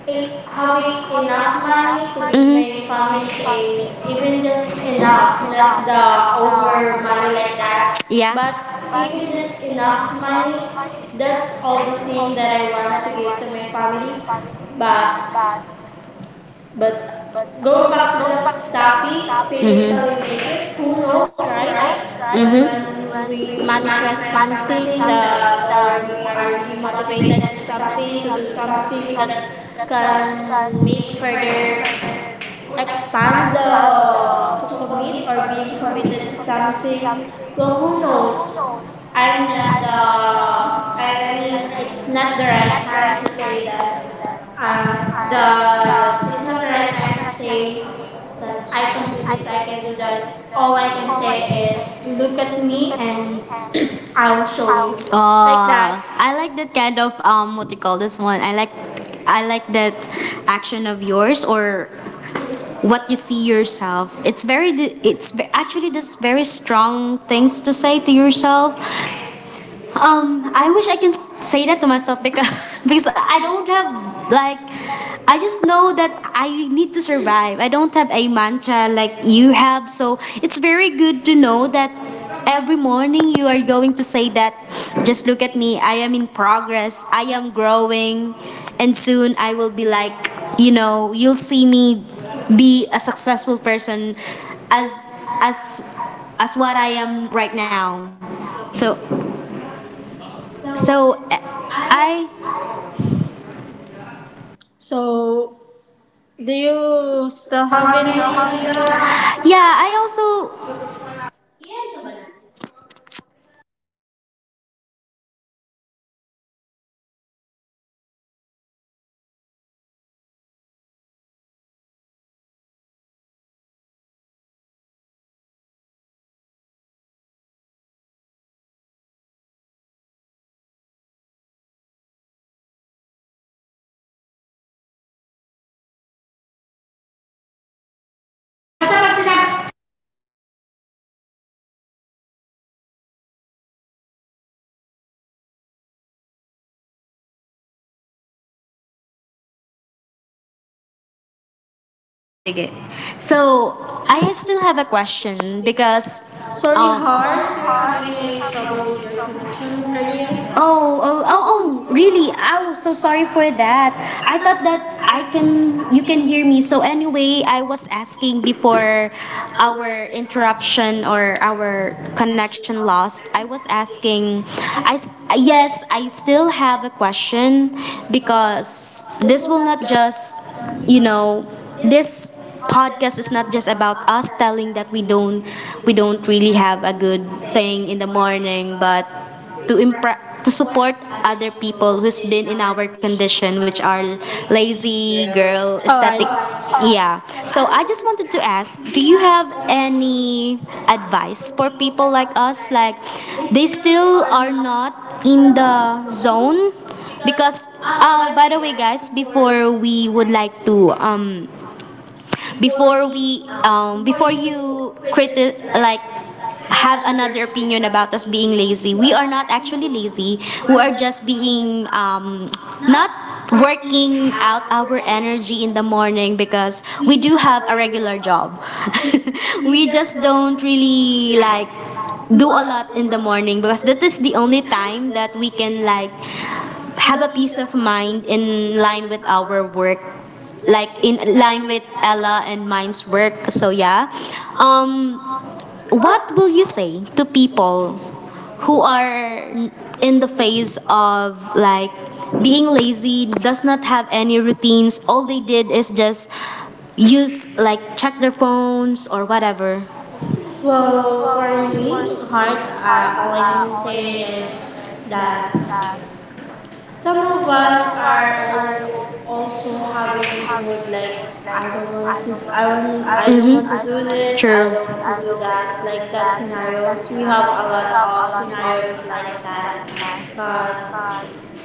S2: a, have a, enough money to give my
S1: Mm-hmm.
S2: family a, even just enough, not the over money like that,
S1: Yeah.
S2: but
S1: But,
S2: even just enough money,
S1: but
S2: that's all the thing that I want to give to my family. But
S1: but back
S2: but
S1: to
S2: going
S1: go the
S2: back
S1: back
S2: to
S1: to
S2: the
S1: the
S2: topic,
S1: topic
S2: fake it till you make it, who knows,
S1: notes,
S2: right?
S1: right? First, right? Mhm.
S2: When
S1: When
S2: we
S1: we
S2: manifest
S1: manifest
S2: something
S1: something
S2: that, or
S1: that, or
S2: we
S1: we
S2: are
S1: are
S2: really
S1: doing
S2: motivated to something, to do something that
S1: something that
S2: can make further,
S1: we're ex-
S2: expand the, to
S1: to
S2: commit
S1: commit
S2: or
S1: or
S2: being
S1: being
S2: committed
S1: committed
S2: to
S1: to something.
S2: something,
S1: Something
S2: well, who knows,
S1: knows.
S2: I'm
S1: And
S2: not the,
S1: uh,
S2: I
S1: I
S2: mean,
S1: mean, I'm
S2: it's not the right time
S1: trying
S2: to
S1: to
S2: say
S1: say
S2: that,
S1: that
S2: the,
S1: uh, the,
S2: it's not the right time to
S1: instead of
S2: say
S1: saying
S2: that
S1: that
S2: I can do this,
S1: it's
S2: I can do
S1: identity
S2: that.
S1: that.
S2: All I can say is, look at me and I'll show you. Like that.
S1: Oh, I like that kind of what you call this one. I like that action of yours or what you see yourselve. It's very, d- it's ve- actually this very strong things to say to yourself. I
S2: I wish
S1: wish I
S2: I
S1: can
S2: could
S1: s- say
S2: say that
S1: that
S2: to
S1: to myself
S2: myself
S1: because
S2: because
S1: because I
S2: I
S1: don't
S2: don't
S1: have
S2: have,
S1: like
S2: like,
S1: I
S2: I
S1: just
S2: just
S1: know
S2: know
S1: that
S2: that
S1: I need to survive. I don't have a mantra like you have, so it's very
S2: you need
S1: good to
S2: to
S1: know
S2: know
S1: that
S2: that every
S1: every
S2: morning
S1: morning you are
S2: you are
S1: going
S2: going
S1: to
S2: to
S1: say
S2: say
S1: that
S2: that this
S1: just
S2: is
S1: look at
S2: me,
S1: me, I
S2: I
S1: am
S2: am
S1: in
S2: in
S1: progress,
S2: progress,
S1: I
S2: I am
S1: am
S2: growing,
S1: growing,
S2: and
S1: and
S2: soon
S1: soon I
S2: I
S1: will
S2: will
S1: be
S2: be
S1: like
S2: like,
S1: you
S2: you
S1: know,
S2: know, you'll
S1: you'll
S2: see
S1: see me
S2: me
S1: be
S2: be a
S1: a successful
S2: successful person
S1: person
S2: as
S1: as
S2: as as what I am
S1: right
S2: right now.
S1: now. So
S2: So
S1: so
S2: so
S1: eh, I
S2: I So do you still have any idea, Heart? Yeah,
S1: yeah, I
S2: and also,
S1: also
S2: i-ano ba natin?
S1: oh, sige. So
S2: So I
S1: I still
S2: still
S1: have
S2: have
S1: a
S2: a question
S1: question because
S2: because, sorry, Heart, you're having a trouble with your connection earlier.
S1: oh,
S2: Oh, oh, oh,
S1: oh. Oh,
S2: oh
S1: really?
S2: really? I
S1: Oh,
S2: was so
S1: so
S2: sorry
S1: sorry
S2: for
S1: for
S2: that.
S1: that. I
S2: I thought
S1: thought that
S2: that
S1: I
S2: I can,
S1: can
S2: you
S1: you
S2: can
S1: can hear
S2: hear me.
S1: me.
S2: So
S1: So
S2: anyway,
S1: anyway, I
S2: I
S1: was
S2: was asking
S1: asking before
S2: before our
S1: our
S2: interruption
S1: interruption
S2: or
S1: or
S2: our
S1: our
S2: connection
S1: connection
S2: loss.
S1: lost.
S2: I
S1: I
S2: was
S1: was
S2: asking.
S1: asking
S2: I
S1: I
S2: s-
S1: s-
S2: yes,
S1: yes,
S2: I
S1: I
S2: still
S1: still
S2: had a
S1: have a
S2: question
S1: question
S2: because
S1: because
S2: this
S1: this
S2: will
S1: will
S2: not
S1: not just,
S2: just, you
S1: you
S2: know,
S1: know,
S2: this
S1: this
S2: podcast
S1: podcast
S2: is
S1: is
S2: not
S1: not
S2: just
S1: just
S2: about
S1: about
S2: us
S1: us
S2: telling
S1: telling
S2: that we
S1: that
S2: don't, we
S1: we
S2: don't
S1: don't
S2: really
S1: really
S2: have
S1: have
S2: a
S1: a
S2: good
S1: good
S2: thing
S1: thing
S2: in
S1: in
S2: the
S1: the
S2: morning,
S1: morning,
S2: but
S1: but
S2: to
S1: to impre-
S2: impre- to
S1: to
S2: support
S1: support
S2: other
S1: other
S2: people
S1: people
S2: who's
S1: who's
S2: been in
S1: been in
S2: our
S1: our
S2: condition,
S1: condition,
S2: which
S1: which
S2: are
S1: are
S2: lazy
S1: lazy,
S2: girl.
S1: girl,
S2: Oh,
S1: aesthetic.
S2: I see. Et cetera. Yeah.
S1: Yeah.
S2: So
S1: So
S2: I
S1: I
S2: just
S1: just
S2: wanted to
S1: wanted to
S2: ask, do
S1: ask do
S2: you
S1: you
S2: have
S1: have
S2: any
S1: any
S2: advice
S1: advice
S2: for
S1: for
S2: people
S1: people
S2: like
S1: like
S2: us,
S1: us?
S2: like
S1: Like,
S2: they
S1: they
S2: still
S1: still
S2: are
S1: are
S2: not
S1: not
S2: in the
S1: in the
S2: zone?
S1: zone?
S2: Because
S1: Because, oh,
S2: by the
S1: by the
S2: way
S1: way,
S2: guys,
S1: guys,
S2: before we would like to, um, before we, um, before
S1: before
S2: you
S1: you
S2: present, like, have
S1: have an
S2: another opinion
S1: opinion
S2: about
S1: about
S2: us
S1: us
S2: being
S1: being
S2: lazy,
S1: lazy,
S2: we
S1: we
S2: are
S1: are
S2: not actually
S1: really
S2: lazy.
S1: lazy,
S2: We
S1: who
S2: are
S1: are just
S2: just being
S1: being
S2: um, not
S1: not
S2: working
S1: working
S2: out
S1: out
S2: our
S1: our
S2: energy
S1: energy
S2: in
S1: in the
S2: the morning
S1: morning
S2: because
S1: because
S2: we
S1: we
S2: do
S1: do
S2: have
S1: have
S2: a
S1: a
S2: regular
S1: regular
S2: job.
S1: job.
S2: We
S1: We
S2: just
S1: just don't
S2: don't really
S1: really like
S2: like do a
S1: do a
S2: lot
S1: lot
S2: in
S1: in
S2: the
S1: the
S2: morning
S1: morning
S2: because
S1: because
S2: this
S1: that is
S2: is the
S1: the
S2: only
S1: only
S2: time
S1: time that
S2: that we
S1: we
S2: can,
S1: can
S2: like,
S1: like
S2: have
S1: have a
S2: a peace
S1: peace of
S2: of mind
S1: mind
S2: in
S1: in line
S2: line
S1: with
S2: with
S1: our
S2: our work,
S1: work, like
S2: like in
S1: in
S2: line
S1: line with
S2: with
S1: Ella
S2: Ella and
S1: and mine's
S2: Mike's
S1: work,
S2: work. So
S1: so yeah.
S2: yeah. Um,
S1: um
S2: what
S1: what will
S2: do you
S1: you
S2: say
S1: say
S2: to
S1: to
S2: people
S1: people
S2: who
S1: who are
S2: are in
S1: in
S2: the
S1: the phase
S2: face of,
S1: of, like,
S2: like,
S1: being
S2: being lazy,
S1: lazy,
S2: does
S1: does
S2: not
S1: not
S2: have
S1: have
S2: any
S1: any routines,
S2: routines,
S1: all they
S2: all they
S1: did
S2: did
S1: is
S2: is just
S1: just use,
S2: use,
S1: like,
S2: like,
S1: check
S2: check
S1: their
S2: their
S1: phones
S2: phones
S1: or
S2: or whatever.
S1: whatever?
S2: Well, for me, heart, all I can say is that some of us are all also having a mood like, I don't want to, I don't want to
S1: Mm-hmm.
S2: do this, I
S1: True.
S2: don't want to do that, like that scenarios. We have a lot of scenarios like that. But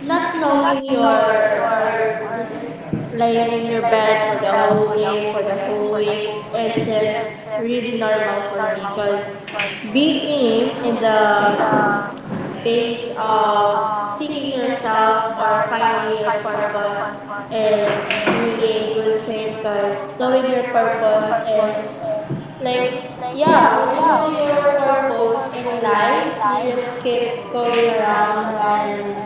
S2: not knowing your, or just laying on your bed for the whole day, for the whole week isn't really normal for me because being in the phase of seeking yourself or finding your purpose
S1: Was
S2: is
S1: is
S2: really a good thing because knowing your purpose is like,
S1: like
S2: yeah, when you know
S1: when
S2: your purpose
S1: post
S2: in life you
S1: live, you
S2: just
S1: just
S2: keep
S1: keep
S2: going around.
S1: um,
S2: And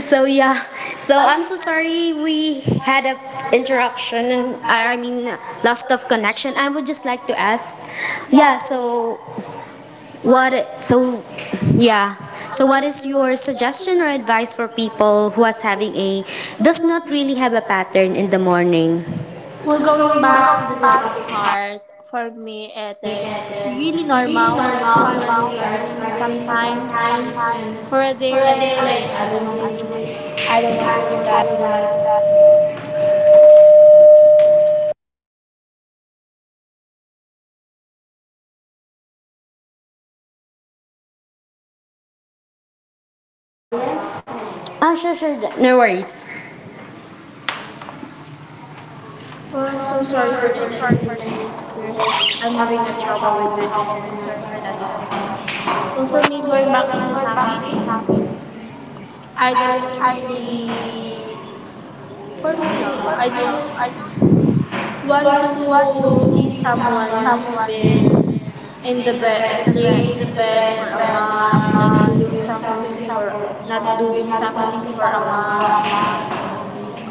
S1: so yeah.
S2: so
S1: So
S2: I'm
S1: I'm
S2: so
S1: so
S2: sorry
S1: sorry we
S2: we had
S1: had
S2: an
S1: a interruption.
S2: interruption,
S1: I
S2: I mean,
S1: mean,
S2: lost
S1: loss
S2: the
S1: of
S2: connection, but
S1: connection. I
S2: I
S1: would
S2: just
S1: just
S2: like
S1: like
S2: to
S1: to
S2: ask,
S1: ask,
S2: yeah,
S1: yeah.
S2: so
S1: So what?
S2: once a week.
S1: So yeah.
S2: Yeah. So
S1: So
S2: what is
S1: what's
S2: your
S1: your
S2: suggestion
S1: suggestion or
S2: or advice
S1: advice
S2: for
S1: for people
S2: people who
S1: who
S2: are
S1: is having a
S2: Saturday, does
S1: does
S2: not
S1: not
S2: really
S1: really
S2: have
S1: have
S2: a
S1: a
S2: pattern
S1: pattern
S2: in
S1: in
S2: the
S1: the
S2: morning?
S1: morning?
S2: Well, going back to
S1: Focus
S2: the
S1: on
S2: topic
S1: the
S2: hard, for
S1: art
S2: me, it is
S1: is
S2: really
S1: really
S2: normal
S1: normal
S2: when we
S1: when we
S2: are
S1: are
S2: struggling
S1: struggling
S2: sometimes.
S1: sometimes,
S2: When
S1: and
S2: for
S1: for
S2: a
S1: a
S2: day,
S1: day,
S2: like,
S1: like,
S2: I
S1: I
S2: don't want
S1: don't
S2: to
S1: want
S2: do
S1: to do
S2: this,
S1: this,
S2: I don't
S1: I
S2: want to
S1: don't
S2: do
S1: want do
S2: that.
S1: that. And we went. Ah, sure, sure. No worries.
S2: Well, I'm so
S1: I'm so
S2: sorry for
S1: sorry
S2: the
S1: for
S2: inconvenience.
S1: this
S2: There's,
S1: because
S2: I'm
S1: I'm
S2: having a
S1: having a
S2: trouble with
S1: trouble
S2: my
S1: with my
S2: internet.
S1: instruments
S2: Sorry for
S1: right
S2: that. Hi.
S1: now.
S2: Well, for me,
S1: Well,
S2: going back to the topic,
S1: happy.
S2: I don't
S1: I
S2: really, for me, I don't
S1: don't
S2: want to
S1: I don't want
S2: see
S1: to see
S2: someone who's been
S1: this
S2: in the bed, laying in the bed for a month, like
S1: um,
S2: doing something for,
S1: for,
S2: not doing something for a month.
S1: um,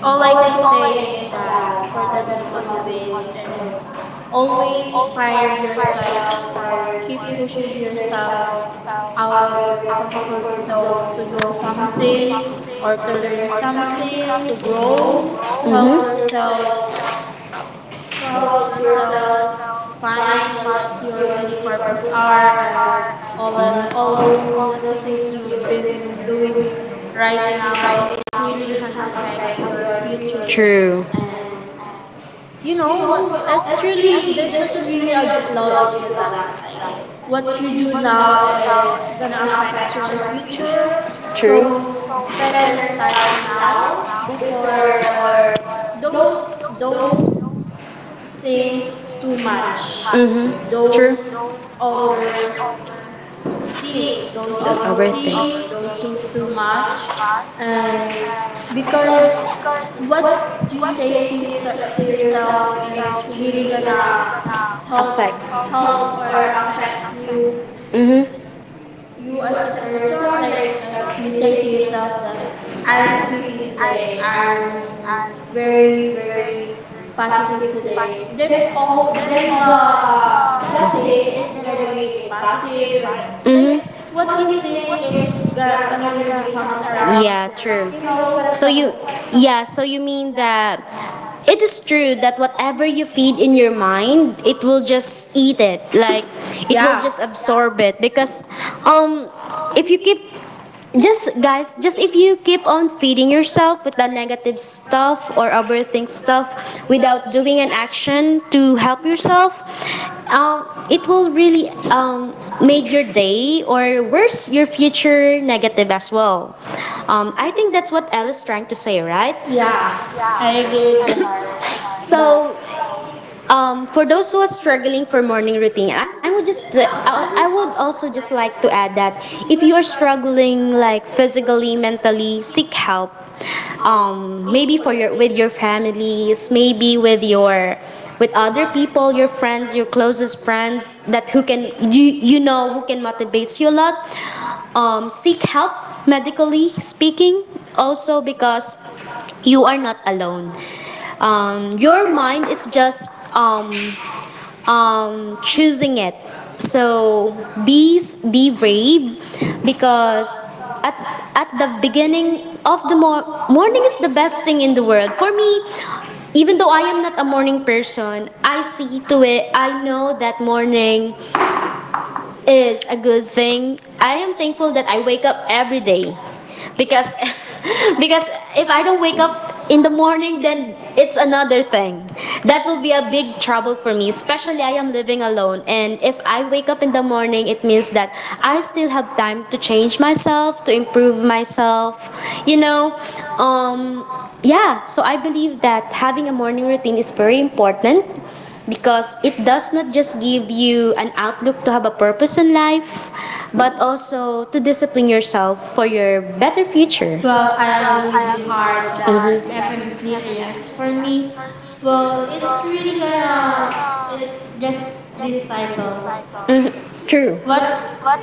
S2: All I
S1: all I
S2: can
S1: can
S2: say is
S1: say is
S2: that for
S1: that
S2: them to motivate is always
S1: please
S2: find
S1: take
S2: yourself
S1: yourselves
S2: or keep
S1: or
S2: pushing yourself
S1: yourself
S2: out
S1: out
S2: of
S1: of
S2: your
S1: your
S2: comfort
S1: comfort
S2: zone to know something or
S1: zone.
S2: to learn something, to
S1: Think
S2: grow, to help yourself to help
S1: about
S2: yourself
S1: yourself,
S2: find
S1: find
S2: what's
S1: what's
S2: your really purpose are and
S1: are
S2: all that,
S1: all,
S2: all the
S1: of the
S2: things
S1: things you're
S2: you've been doing
S1: doing
S2: right
S1: right
S2: now
S1: now
S2: is
S1: is
S2: really
S1: really
S2: can
S1: can
S2: affect
S1: affect
S2: your
S1: your future.
S2: future.
S1: True. And
S2: And you
S1: you know,
S2: know it's
S1: that's
S2: really
S1: really,
S2: there's
S1: there's
S2: a, really
S1: really
S2: a
S1: a
S2: logic
S1: lot of
S2: with that, like
S1: that. Like,
S2: what you do now is
S1: uh,
S2: gonna affect your future,
S1: true.
S2: so
S1: So
S2: better
S1: first
S2: start
S1: out
S2: now
S1: loud
S2: before
S1: before
S2: or
S1: or
S2: don't
S1: don't
S2: don't
S1: don't say
S2: think too
S1: too much.
S2: much.
S1: Mm-hmm. Don't, true.
S2: Don't
S1: Don't
S2: overthink. Don't
S1: overthink.
S2: overthink. Don't
S1: Overthink.
S2: think so much. And
S1: Think
S2: because
S1: because
S2: what you
S1: what you
S2: say to,
S1: say to,
S2: to
S1: to
S2: yourself
S1: yourself
S2: is
S1: is
S2: really
S1: really
S2: gonna
S1: gonna
S2: help
S1: affect.
S2: help
S1: Help
S2: or
S1: or
S2: affect
S1: affect
S2: you
S1: you. Mm-hmm.
S2: you as a person. Like if you
S1: Like,
S2: say to yourself that I'm
S1: and
S2: pretty today, I'm
S1: and
S2: very
S1: very
S2: very
S1: very
S2: positive today, then
S1: that
S2: all
S1: oh
S2: then
S1: then the
S2: the that
S1: that
S2: day
S1: day
S2: is
S1: is
S2: gonna be
S1: my.
S2: positive. Like
S1: Mm-hmm.
S2: what you think is
S1: Is.
S2: gonna really comes around,
S1: Yeah,
S2: like
S1: true.
S2: you know what I'm
S1: So you,
S2: talking about.
S1: yeah, so you mean that
S2: It
S1: it is
S2: is true
S1: true
S2: that
S1: that whatever
S2: whatever you
S1: you
S2: feed
S1: feed
S2: in
S1: in
S2: your
S1: your
S2: mind,
S1: mind,
S2: it
S1: it
S2: will
S1: will just
S2: just eat
S1: eat
S2: it.
S1: it.
S2: Like
S1: Like,
S2: it,
S1: it will
S2: yeah, will, yeah, just
S1: just absorb
S2: absorb it.
S1: it because
S2: Because um
S1: um
S2: if
S1: if
S2: you
S1: you
S2: keep
S1: keep
S2: just
S1: just guys
S2: glance just
S1: just
S2: if
S1: if
S2: you
S1: you
S2: keep
S1: keep on
S2: on feeding
S1: feeding
S2: yourself
S1: yourself with the
S2: negative
S1: negative
S2: stuff
S1: stuff
S2: or
S1: or
S2: avoiding
S1: overthink stuff
S2: stuff without
S1: without
S2: doing
S1: doing
S2: an
S1: an
S2: action
S1: action
S2: to
S1: to
S2: help
S1: help yourself,
S2: yourself, it
S1: it
S2: will
S1: will
S2: really,
S1: really um,
S2: make
S1: make your
S2: your day
S1: day or
S2: or
S1: worse,
S2: worse,
S1: your
S2: your future
S1: future
S2: negative
S1: negative as
S2: as
S1: well.
S2: well. I
S1: I
S2: think
S1: think
S2: that's
S1: that's
S2: what
S1: what I was
S2: Alice
S1: trying
S2: tried
S1: to
S2: to
S1: say,
S2: say,
S1: right?
S2: right? Yeah, I agree with you, Har. So,
S1: So,
S2: but
S1: um,
S2: for
S1: for
S2: those
S1: those
S2: who
S1: who are
S2: are struggling
S1: struggling for
S2: for morning
S1: morning routine,
S2: routine,
S1: I
S2: I'm
S1: would just
S2: just, I,
S1: uh, I I
S2: I would
S1: would
S2: also
S1: also just
S2: just like
S1: like
S2: to
S1: to
S2: add
S1: add
S2: that
S1: that
S2: if
S1: if
S2: you
S1: you
S2: are
S1: are
S2: struggling
S1: struggling like
S2: like physically,
S1: physically,
S2: mentally,
S1: mentally,
S2: seek
S1: seek
S2: help,
S1: help.
S2: maybe
S1: Maybe
S2: for
S1: for your
S2: your with
S1: with
S2: your
S1: your
S2: families,
S1: families,
S2: maybe
S1: maybe
S2: with your with
S1: with
S2: other
S1: other people,
S2: people,
S1: your
S2: your friends,
S1: friends,
S2: your
S1: your closest
S2: closest
S1: friends
S2: friends that
S1: that
S2: who
S1: who
S2: can
S1: can,
S2: you you know who
S1: who
S2: can
S1: can
S2: motivate
S1: motivates
S2: you
S1: you
S2: a
S1: a lot.
S2: lot. Seek
S1: Seek help
S2: help
S1: medically
S2: medically
S1: speaking
S2: speaking,
S1: also
S2: also
S1: because
S2: because you
S1: you
S2: are
S1: are not
S2: not alone.
S1: alone. Your
S2: Your mind is
S1: just
S2: just,
S1: um
S2: um,
S1: choosing
S2: choosing it.
S1: it. So
S2: So be
S1: be
S2: be
S1: brave
S2: brave
S1: because
S2: because
S1: at
S2: at the beginning
S1: beginning of
S2: of
S1: the
S2: the morning, morning
S1: morning is
S2: is
S1: the
S2: the best
S1: best
S2: thing
S1: thing in the
S2: in the
S1: world.
S2: world. For me,
S1: Even
S2: even
S1: though
S2: though
S1: I
S2: I am
S1: am
S2: not a
S1: a
S2: morning person,
S1: person,
S2: I
S1: I see
S2: see to
S1: to
S2: it,
S1: it. I
S2: I
S1: know
S2: know
S1: that
S2: that morning
S1: morning
S2: is
S1: is a
S2: a
S1: good
S2: good
S1: thing.
S2: thing. I
S1: I am
S2: am thankful
S1: thankful
S2: that
S1: that I
S2: I
S1: wake
S2: wake
S1: up
S2: up
S1: every
S2: every
S1: day
S2: day because
S1: because
S2: because
S1: because it,
S2: if I don't wake up in
S1: in the
S2: the
S1: morning,
S2: morning, then it's
S1: it's another
S2: another thing.
S1: thing. That
S2: That would be a
S1: big
S2: big
S1: trouble
S2: trouble for
S1: for
S2: me,
S1: me is
S2: especially I am living
S1: living
S2: alone.
S1: alone,
S2: And
S1: and
S2: if
S1: if
S2: I wake
S1: up
S2: up in
S1: in the
S2: the morning,
S1: morning, it
S2: it means
S1: means
S2: that
S1: that
S2: I
S1: I
S2: still
S1: still have
S2: have time
S1: time
S2: to
S1: to
S2: change
S1: change myself,
S2: myself, to
S1: to
S2: improve
S1: improve myself,
S2: myself.
S1: you
S2: You know,
S1: know.
S2: um,
S1: Um, yeah,
S2: yeah.
S1: so
S2: So
S1: I
S2: I believe
S1: believe that
S2: that
S1: having
S2: having
S1: a
S2: a morning
S1: morning
S2: routine
S1: routine is
S2: is
S1: very
S2: very
S1: important
S2: important because
S1: because
S2: it
S1: it does
S2: does not
S1: not just
S2: just give
S1: give
S2: you
S1: you
S2: an
S1: an
S2: outlook
S1: outlook
S2: to
S1: to have a
S2: have a purpose
S1: purpose in
S2: in life
S1: life,
S2: but
S1: but also
S2: also
S1: to
S2: to discipline
S1: discipline
S2: yourself
S1: yourself
S2: for
S1: for
S2: your
S1: your better
S2: better future.
S1: future.
S2: Well, I agree with you, Heart. That's
S1: Mhm.
S2: definitely a yes for me. Well, it's really gonna,
S1: Mhm.
S2: it's just this cycle. True.
S1: True.
S2: What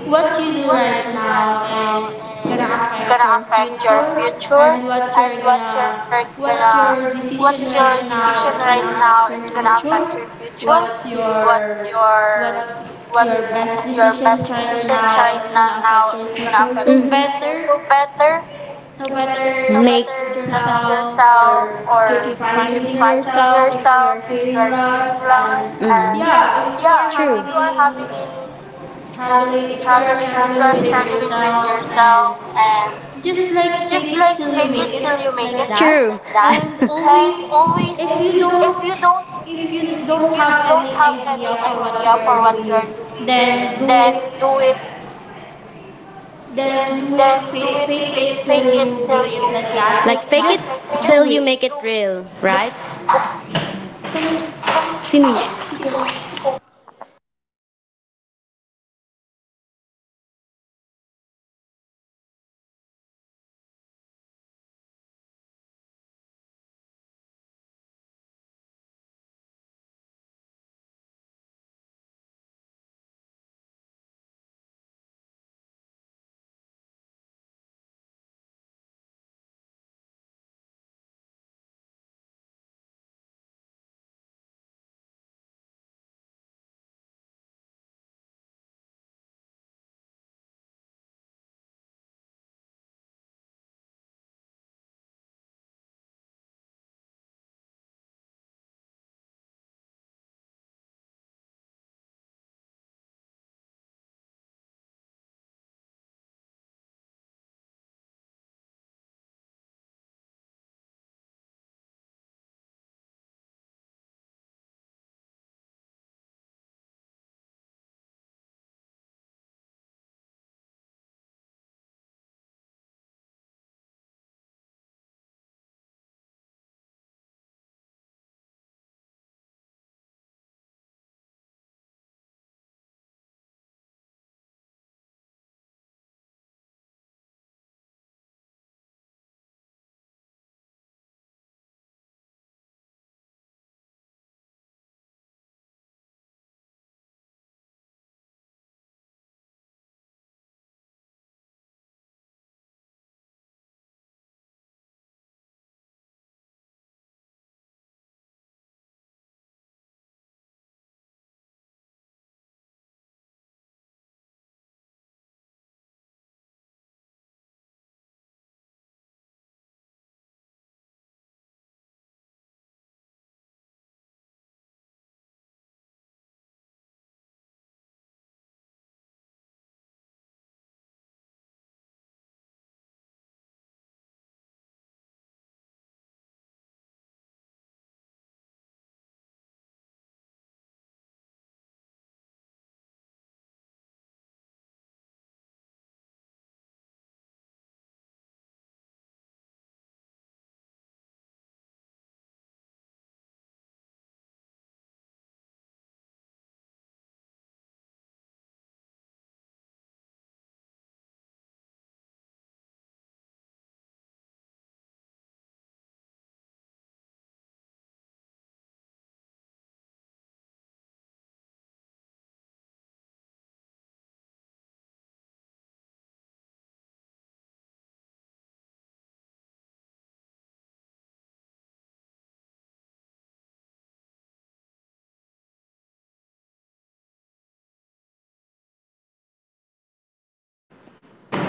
S2: what you do right now is gonna affect
S1: Gonna
S2: your
S1: affect your
S2: future. And
S1: future.
S2: what you're
S1: You're
S2: gonna what
S1: gonna
S2: your decision right
S1: Your
S2: now
S1: decision
S2: is
S1: right
S2: gonna
S1: now
S2: affect your
S1: is gonna
S2: future.
S1: affect your future.
S2: what's your what's your
S1: What's
S2: best decisions right now is
S1: right
S2: gonna affect your
S1: now
S2: future, so
S1: is
S2: better,
S1: so better.
S2: so better,
S1: So
S2: let
S1: whether
S2: yourself or
S1: yourself or
S2: keep
S1: keep
S2: finding
S1: finding
S2: yourself if you are
S1: yourself,
S2: feeling
S1: you are feeling
S2: lost. And
S1: lost, and
S2: yeah, if
S1: yeah,
S2: you are
S1: you are
S2: having
S1: having a
S2: struggling
S1: struggling you
S2: if you are struggling
S1: are
S2: with
S1: struggling with
S2: yourself and
S1: yourself and,
S2: just like fake it
S1: like,
S2: till you make it,
S1: till you make.
S2: like that.
S1: True. That
S2: And always,
S1: always,
S2: if
S1: if
S2: you don't if
S1: you
S2: you don't have
S1: don't
S2: any
S1: have
S2: idea for what you
S1: idea
S2: are
S1: for what you're
S2: doing,
S1: doing.
S2: then do it,
S1: Do it, then do
S2: fake, fake
S1: it,
S2: it till
S1: make
S2: you
S1: it.
S2: make it, like that, like just
S1: Till
S2: do
S1: you
S2: it.
S1: make it real. Right?
S2: Some
S1: Sino yun?
S2: si coach.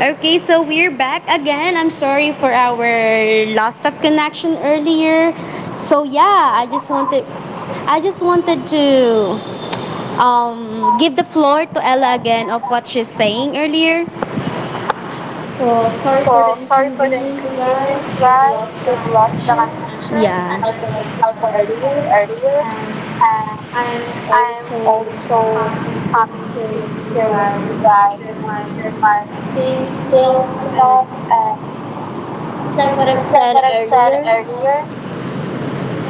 S1: Okay, so we're back again. I'm sorry for our loss of connection earlier. So
S2: So yeah, so
S1: yeah,
S2: I
S1: I
S2: was
S1: just wanted
S2: wondering,
S1: I just wanted to
S2: um, give
S1: give the
S2: the floor
S1: floor to Ella
S2: Ella again
S1: again
S2: on.
S1: of what she's saying earlier.
S2: Well, sorry for the inconvenience, guys.
S1: Means
S2: We have
S1: right,
S2: lost the
S1: you've lost the
S2: connection, and
S1: connection.
S2: just
S1: Yeah.
S2: like what I've
S1: As I
S2: said
S1: pointed
S2: earlier,
S1: earlier,
S2: and
S1: and
S2: I'm also
S1: so
S2: happy to be
S1: um,
S2: here with you guys and
S1: resides
S2: share my
S1: near
S2: things, you know. And
S1: Martinsburg, and
S2: just like
S1: said
S2: what I've said earlier,
S1: earlier,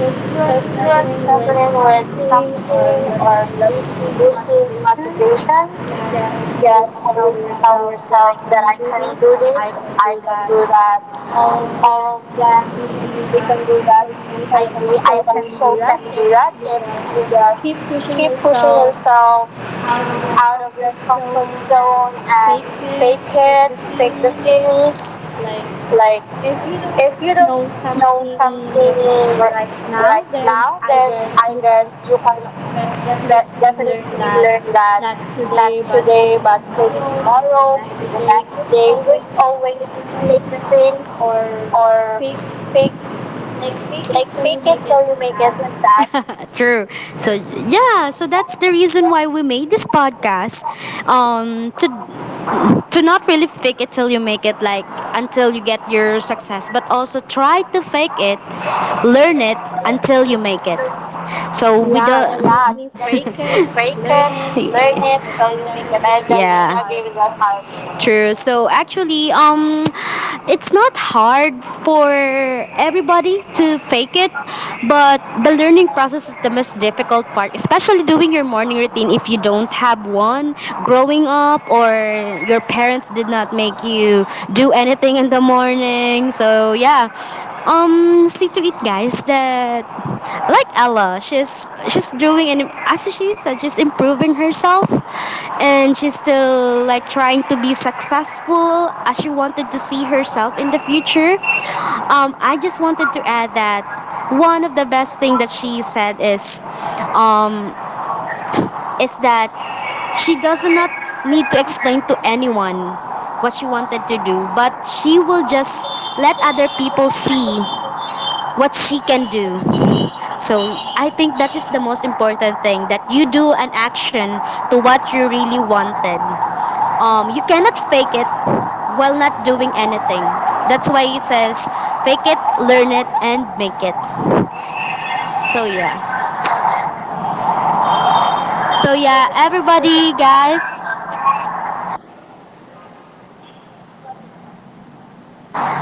S2: if you are
S1: if you are
S2: struggling
S1: struggling
S2: with
S1: with
S2: something or
S1: something or
S2: losing
S1: losing
S2: motivation,
S1: motivation,
S2: yes,
S1: just
S2: always tell
S1: always tell
S2: yourself
S1: yourself
S2: that
S1: that
S2: I
S1: I
S2: can
S1: can
S2: do
S1: do
S2: this,
S1: this,
S2: I
S1: I
S2: can
S1: can
S2: do
S1: do
S2: that.
S1: that.
S2: All
S1: All
S2: of
S1: of them,
S2: them,
S1: they
S2: they
S1: can
S2: can
S1: do
S2: do
S1: that.
S2: that.
S1: So
S2: So for
S1: for me,
S2: me, I
S1: I
S2: also can do that if
S1: can
S2: you
S1: do this.
S2: just
S1: Keep
S2: keep
S1: pushing
S2: pushing
S1: yourself
S2: yourself
S1: out
S2: out of
S1: of your
S2: your
S1: comfort
S2: comfort
S1: zone
S2: zone
S1: and
S2: and
S1: fake
S2: fake
S1: it,
S2: it, fake
S1: fake
S2: the
S1: the feelings,
S2: things, like
S1: like,
S2: if
S1: if
S2: you
S1: you don't
S2: don't know
S1: know singing
S2: something
S1: or
S2: right
S1: writing,
S2: now, then I
S1: I
S2: guess
S1: guess
S2: you can
S1: that we
S2: definitely learn
S1: learn
S2: that,
S1: that, not
S2: not today,
S1: today, but
S2: but
S1: maybe
S2: maybe
S1: tomorrow,
S2: tomorrow, maybe the
S1: the next
S2: next
S1: day.
S2: day. Just always
S1: Pick
S2: fake the
S1: the things
S2: things
S1: or
S2: or
S1: pick,
S2: fake, like
S1: like, make
S2: fake
S1: it,
S2: it
S1: so
S2: till you
S1: you make
S2: make
S1: it,
S2: it, like
S1: like
S2: that.
S1: that. True. So yeah, so that's the reason why we made this podcast. Um to to not really fake it till you make it, like, until you get your success, but also try to fake it, learn it until you make it. So we don't,
S2: Yeah,
S1: yeah, that's,
S2: definitely
S1: break
S2: fake it,
S1: it, learn
S2: learn it
S1: it, so
S2: till
S1: you
S2: you
S1: make
S2: make it.
S1: it.
S2: I
S1: I definitely,
S2: definitely
S1: yeah,
S2: agree
S1: agree
S2: with
S1: with
S2: that
S1: that
S2: part.
S1: part. True. So actually, it's not hard for everybody to fake it, but the learning process is the most difficult part, especially doing your morning routine if you don't have one growing up or your parents did not make you do anything in the morning. So yeah, see to it, guys, that like Ella, she's doing, and as she said, she's improving herself, and she's still, like, trying to be successful as she wanted to see herself in the future. I just wanted to add that one of the best thing that she said um, is that she does not need to explain to anyone what she wanted to do, but she will just let other people see what she can do. So I think that is the most important thing, that you do an action to what you really wanted. You cannot fake it while not doing anything. That's why it says fake it, learn it, and make it. So yeah. So yeah, everybody, guys.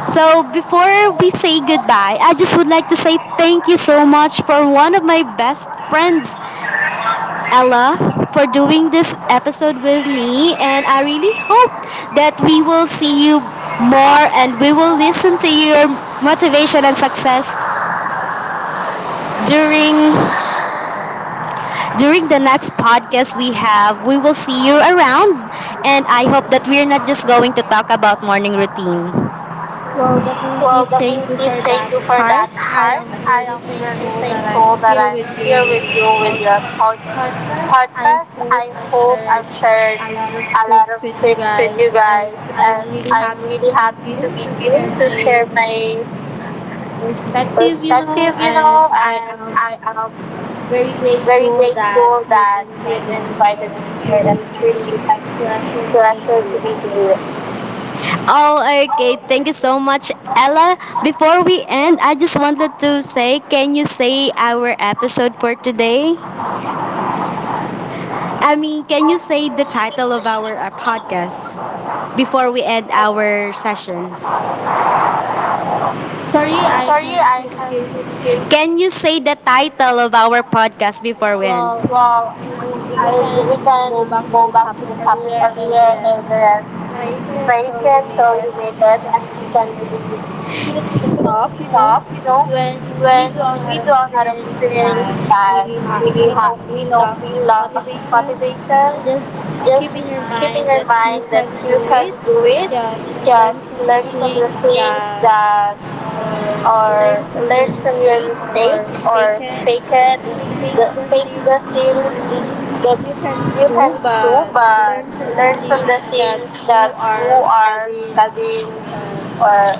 S1: So before we say goodbye, I just would like to say thank you so much for one of my best friends Ella, for doing this episode with me. And I really hope that we will see you more, and we will listen to your motivation and success during the next podcast we have, we will see you around, and I hope that we're not just going to talk about morning routine.
S2: Well,
S1: Well,
S2: definitely
S1: definitely,
S2: thank you
S1: thank you
S2: for
S1: for
S2: that,
S1: that,
S2: heart.
S1: heart.
S2: I
S1: I am
S2: am very
S1: very
S2: thankful
S1: thankful
S2: that
S1: that I'm
S2: I'm
S1: here
S2: here
S1: with
S2: with
S1: you
S2: you with
S1: with your
S2: your podcast.
S1: podcast. I
S2: I
S1: hope
S2: hope I've
S1: I've shared
S2: shared
S1: a
S2: a
S1: lot
S2: lot
S1: of
S2: of things
S1: tips
S2: with
S1: with
S2: you
S1: you guys,
S2: guys, and
S1: and I'm
S2: I'm really
S1: really
S2: happy
S1: happy
S2: to
S1: to be
S2: be
S1: here
S2: here
S1: to
S2: to
S1: share
S2: share
S1: my
S2: my
S1: perspective,
S2: perspective, you
S1: you know,
S2: know.
S1: and
S2: And I
S1: I
S2: am
S1: am very
S2: very
S1: grateful
S2: grateful
S1: that
S2: that you've
S1: you've invited
S2: invited
S1: me
S2: me
S1: here.
S2: here.
S1: That's
S2: It's
S1: really
S2: really
S1: like
S2: my
S1: a
S2: pleasure
S1: pleasure
S2: to
S1: to be
S2: be here.
S1: here. Oh, okay. Thank you so much, Ella. Before we end, I just wanted to say, can you say our episode for today? I mean, can you say the title of our podcast before we end our session? Sorry.
S2: Sorry, I can't really hear you.
S1: Can you say the title of our podcast before we end?
S2: Well,
S1: Well,
S2: as
S1: as
S2: we
S1: we can
S2: can
S1: go
S2: go
S1: back
S2: back
S1: to
S2: to the
S1: the
S2: topic
S1: topic earlier,
S2: earlier,
S1: it
S2: it
S1: is
S2: is
S1: break
S2: fake
S1: it
S2: it
S1: so
S2: till
S1: you
S2: you
S1: make
S2: make
S1: it,
S2: it.
S1: as we can, it's
S2: As we
S1: so
S2: can wake
S1: top,
S2: up,
S1: you
S2: you
S1: know,
S2: know,
S1: when
S2: when
S1: we
S2: we do
S1: don't
S2: a
S1: have
S2: lot of
S1: experience
S2: things
S1: that
S2: like
S1: we
S2: we
S1: have, we
S2: we
S1: know
S2: don't
S1: we
S2: we lost
S1: lost
S2: motivation,
S1: motivation,
S2: just
S1: just
S2: keep
S1: keep
S2: in
S1: in
S2: your
S1: your
S2: mind
S1: mind
S2: that
S1: that
S2: you
S1: you can
S2: can do
S1: do
S2: it.
S1: it.
S2: Just
S1: Just learn
S2: learn from the things that,
S1: that, or
S2: or
S1: learn
S2: learn
S1: from
S2: from your
S1: your mistake,
S2: mistake,
S1: or
S2: or
S1: you
S2: fake it,
S1: can
S2: the
S1: the, make
S2: fake the
S1: the things
S2: things that
S1: that
S2: you
S1: you
S2: can't
S1: can
S2: do but
S1: learn
S2: learn
S1: from
S2: from
S1: the
S2: the
S1: things
S2: things that
S1: who
S2: you
S1: are
S2: are
S1: studying,
S2: studying
S1: or
S2: or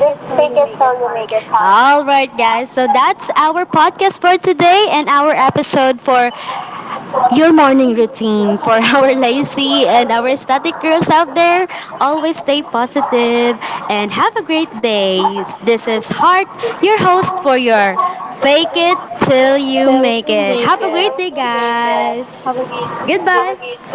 S1: just
S2: just
S1: take.
S2: fake it till you make it hard.
S1: All right, guys, so that's our podcast for today, and our episode for your morning routine for our lazy and our static girls out there. Always stay positive and have a great day. This is Heart, your host for your Fake It Till You Make It,
S2: Till you make it.
S1: guys.
S2: Have a
S1: Goodbye.
S2: great,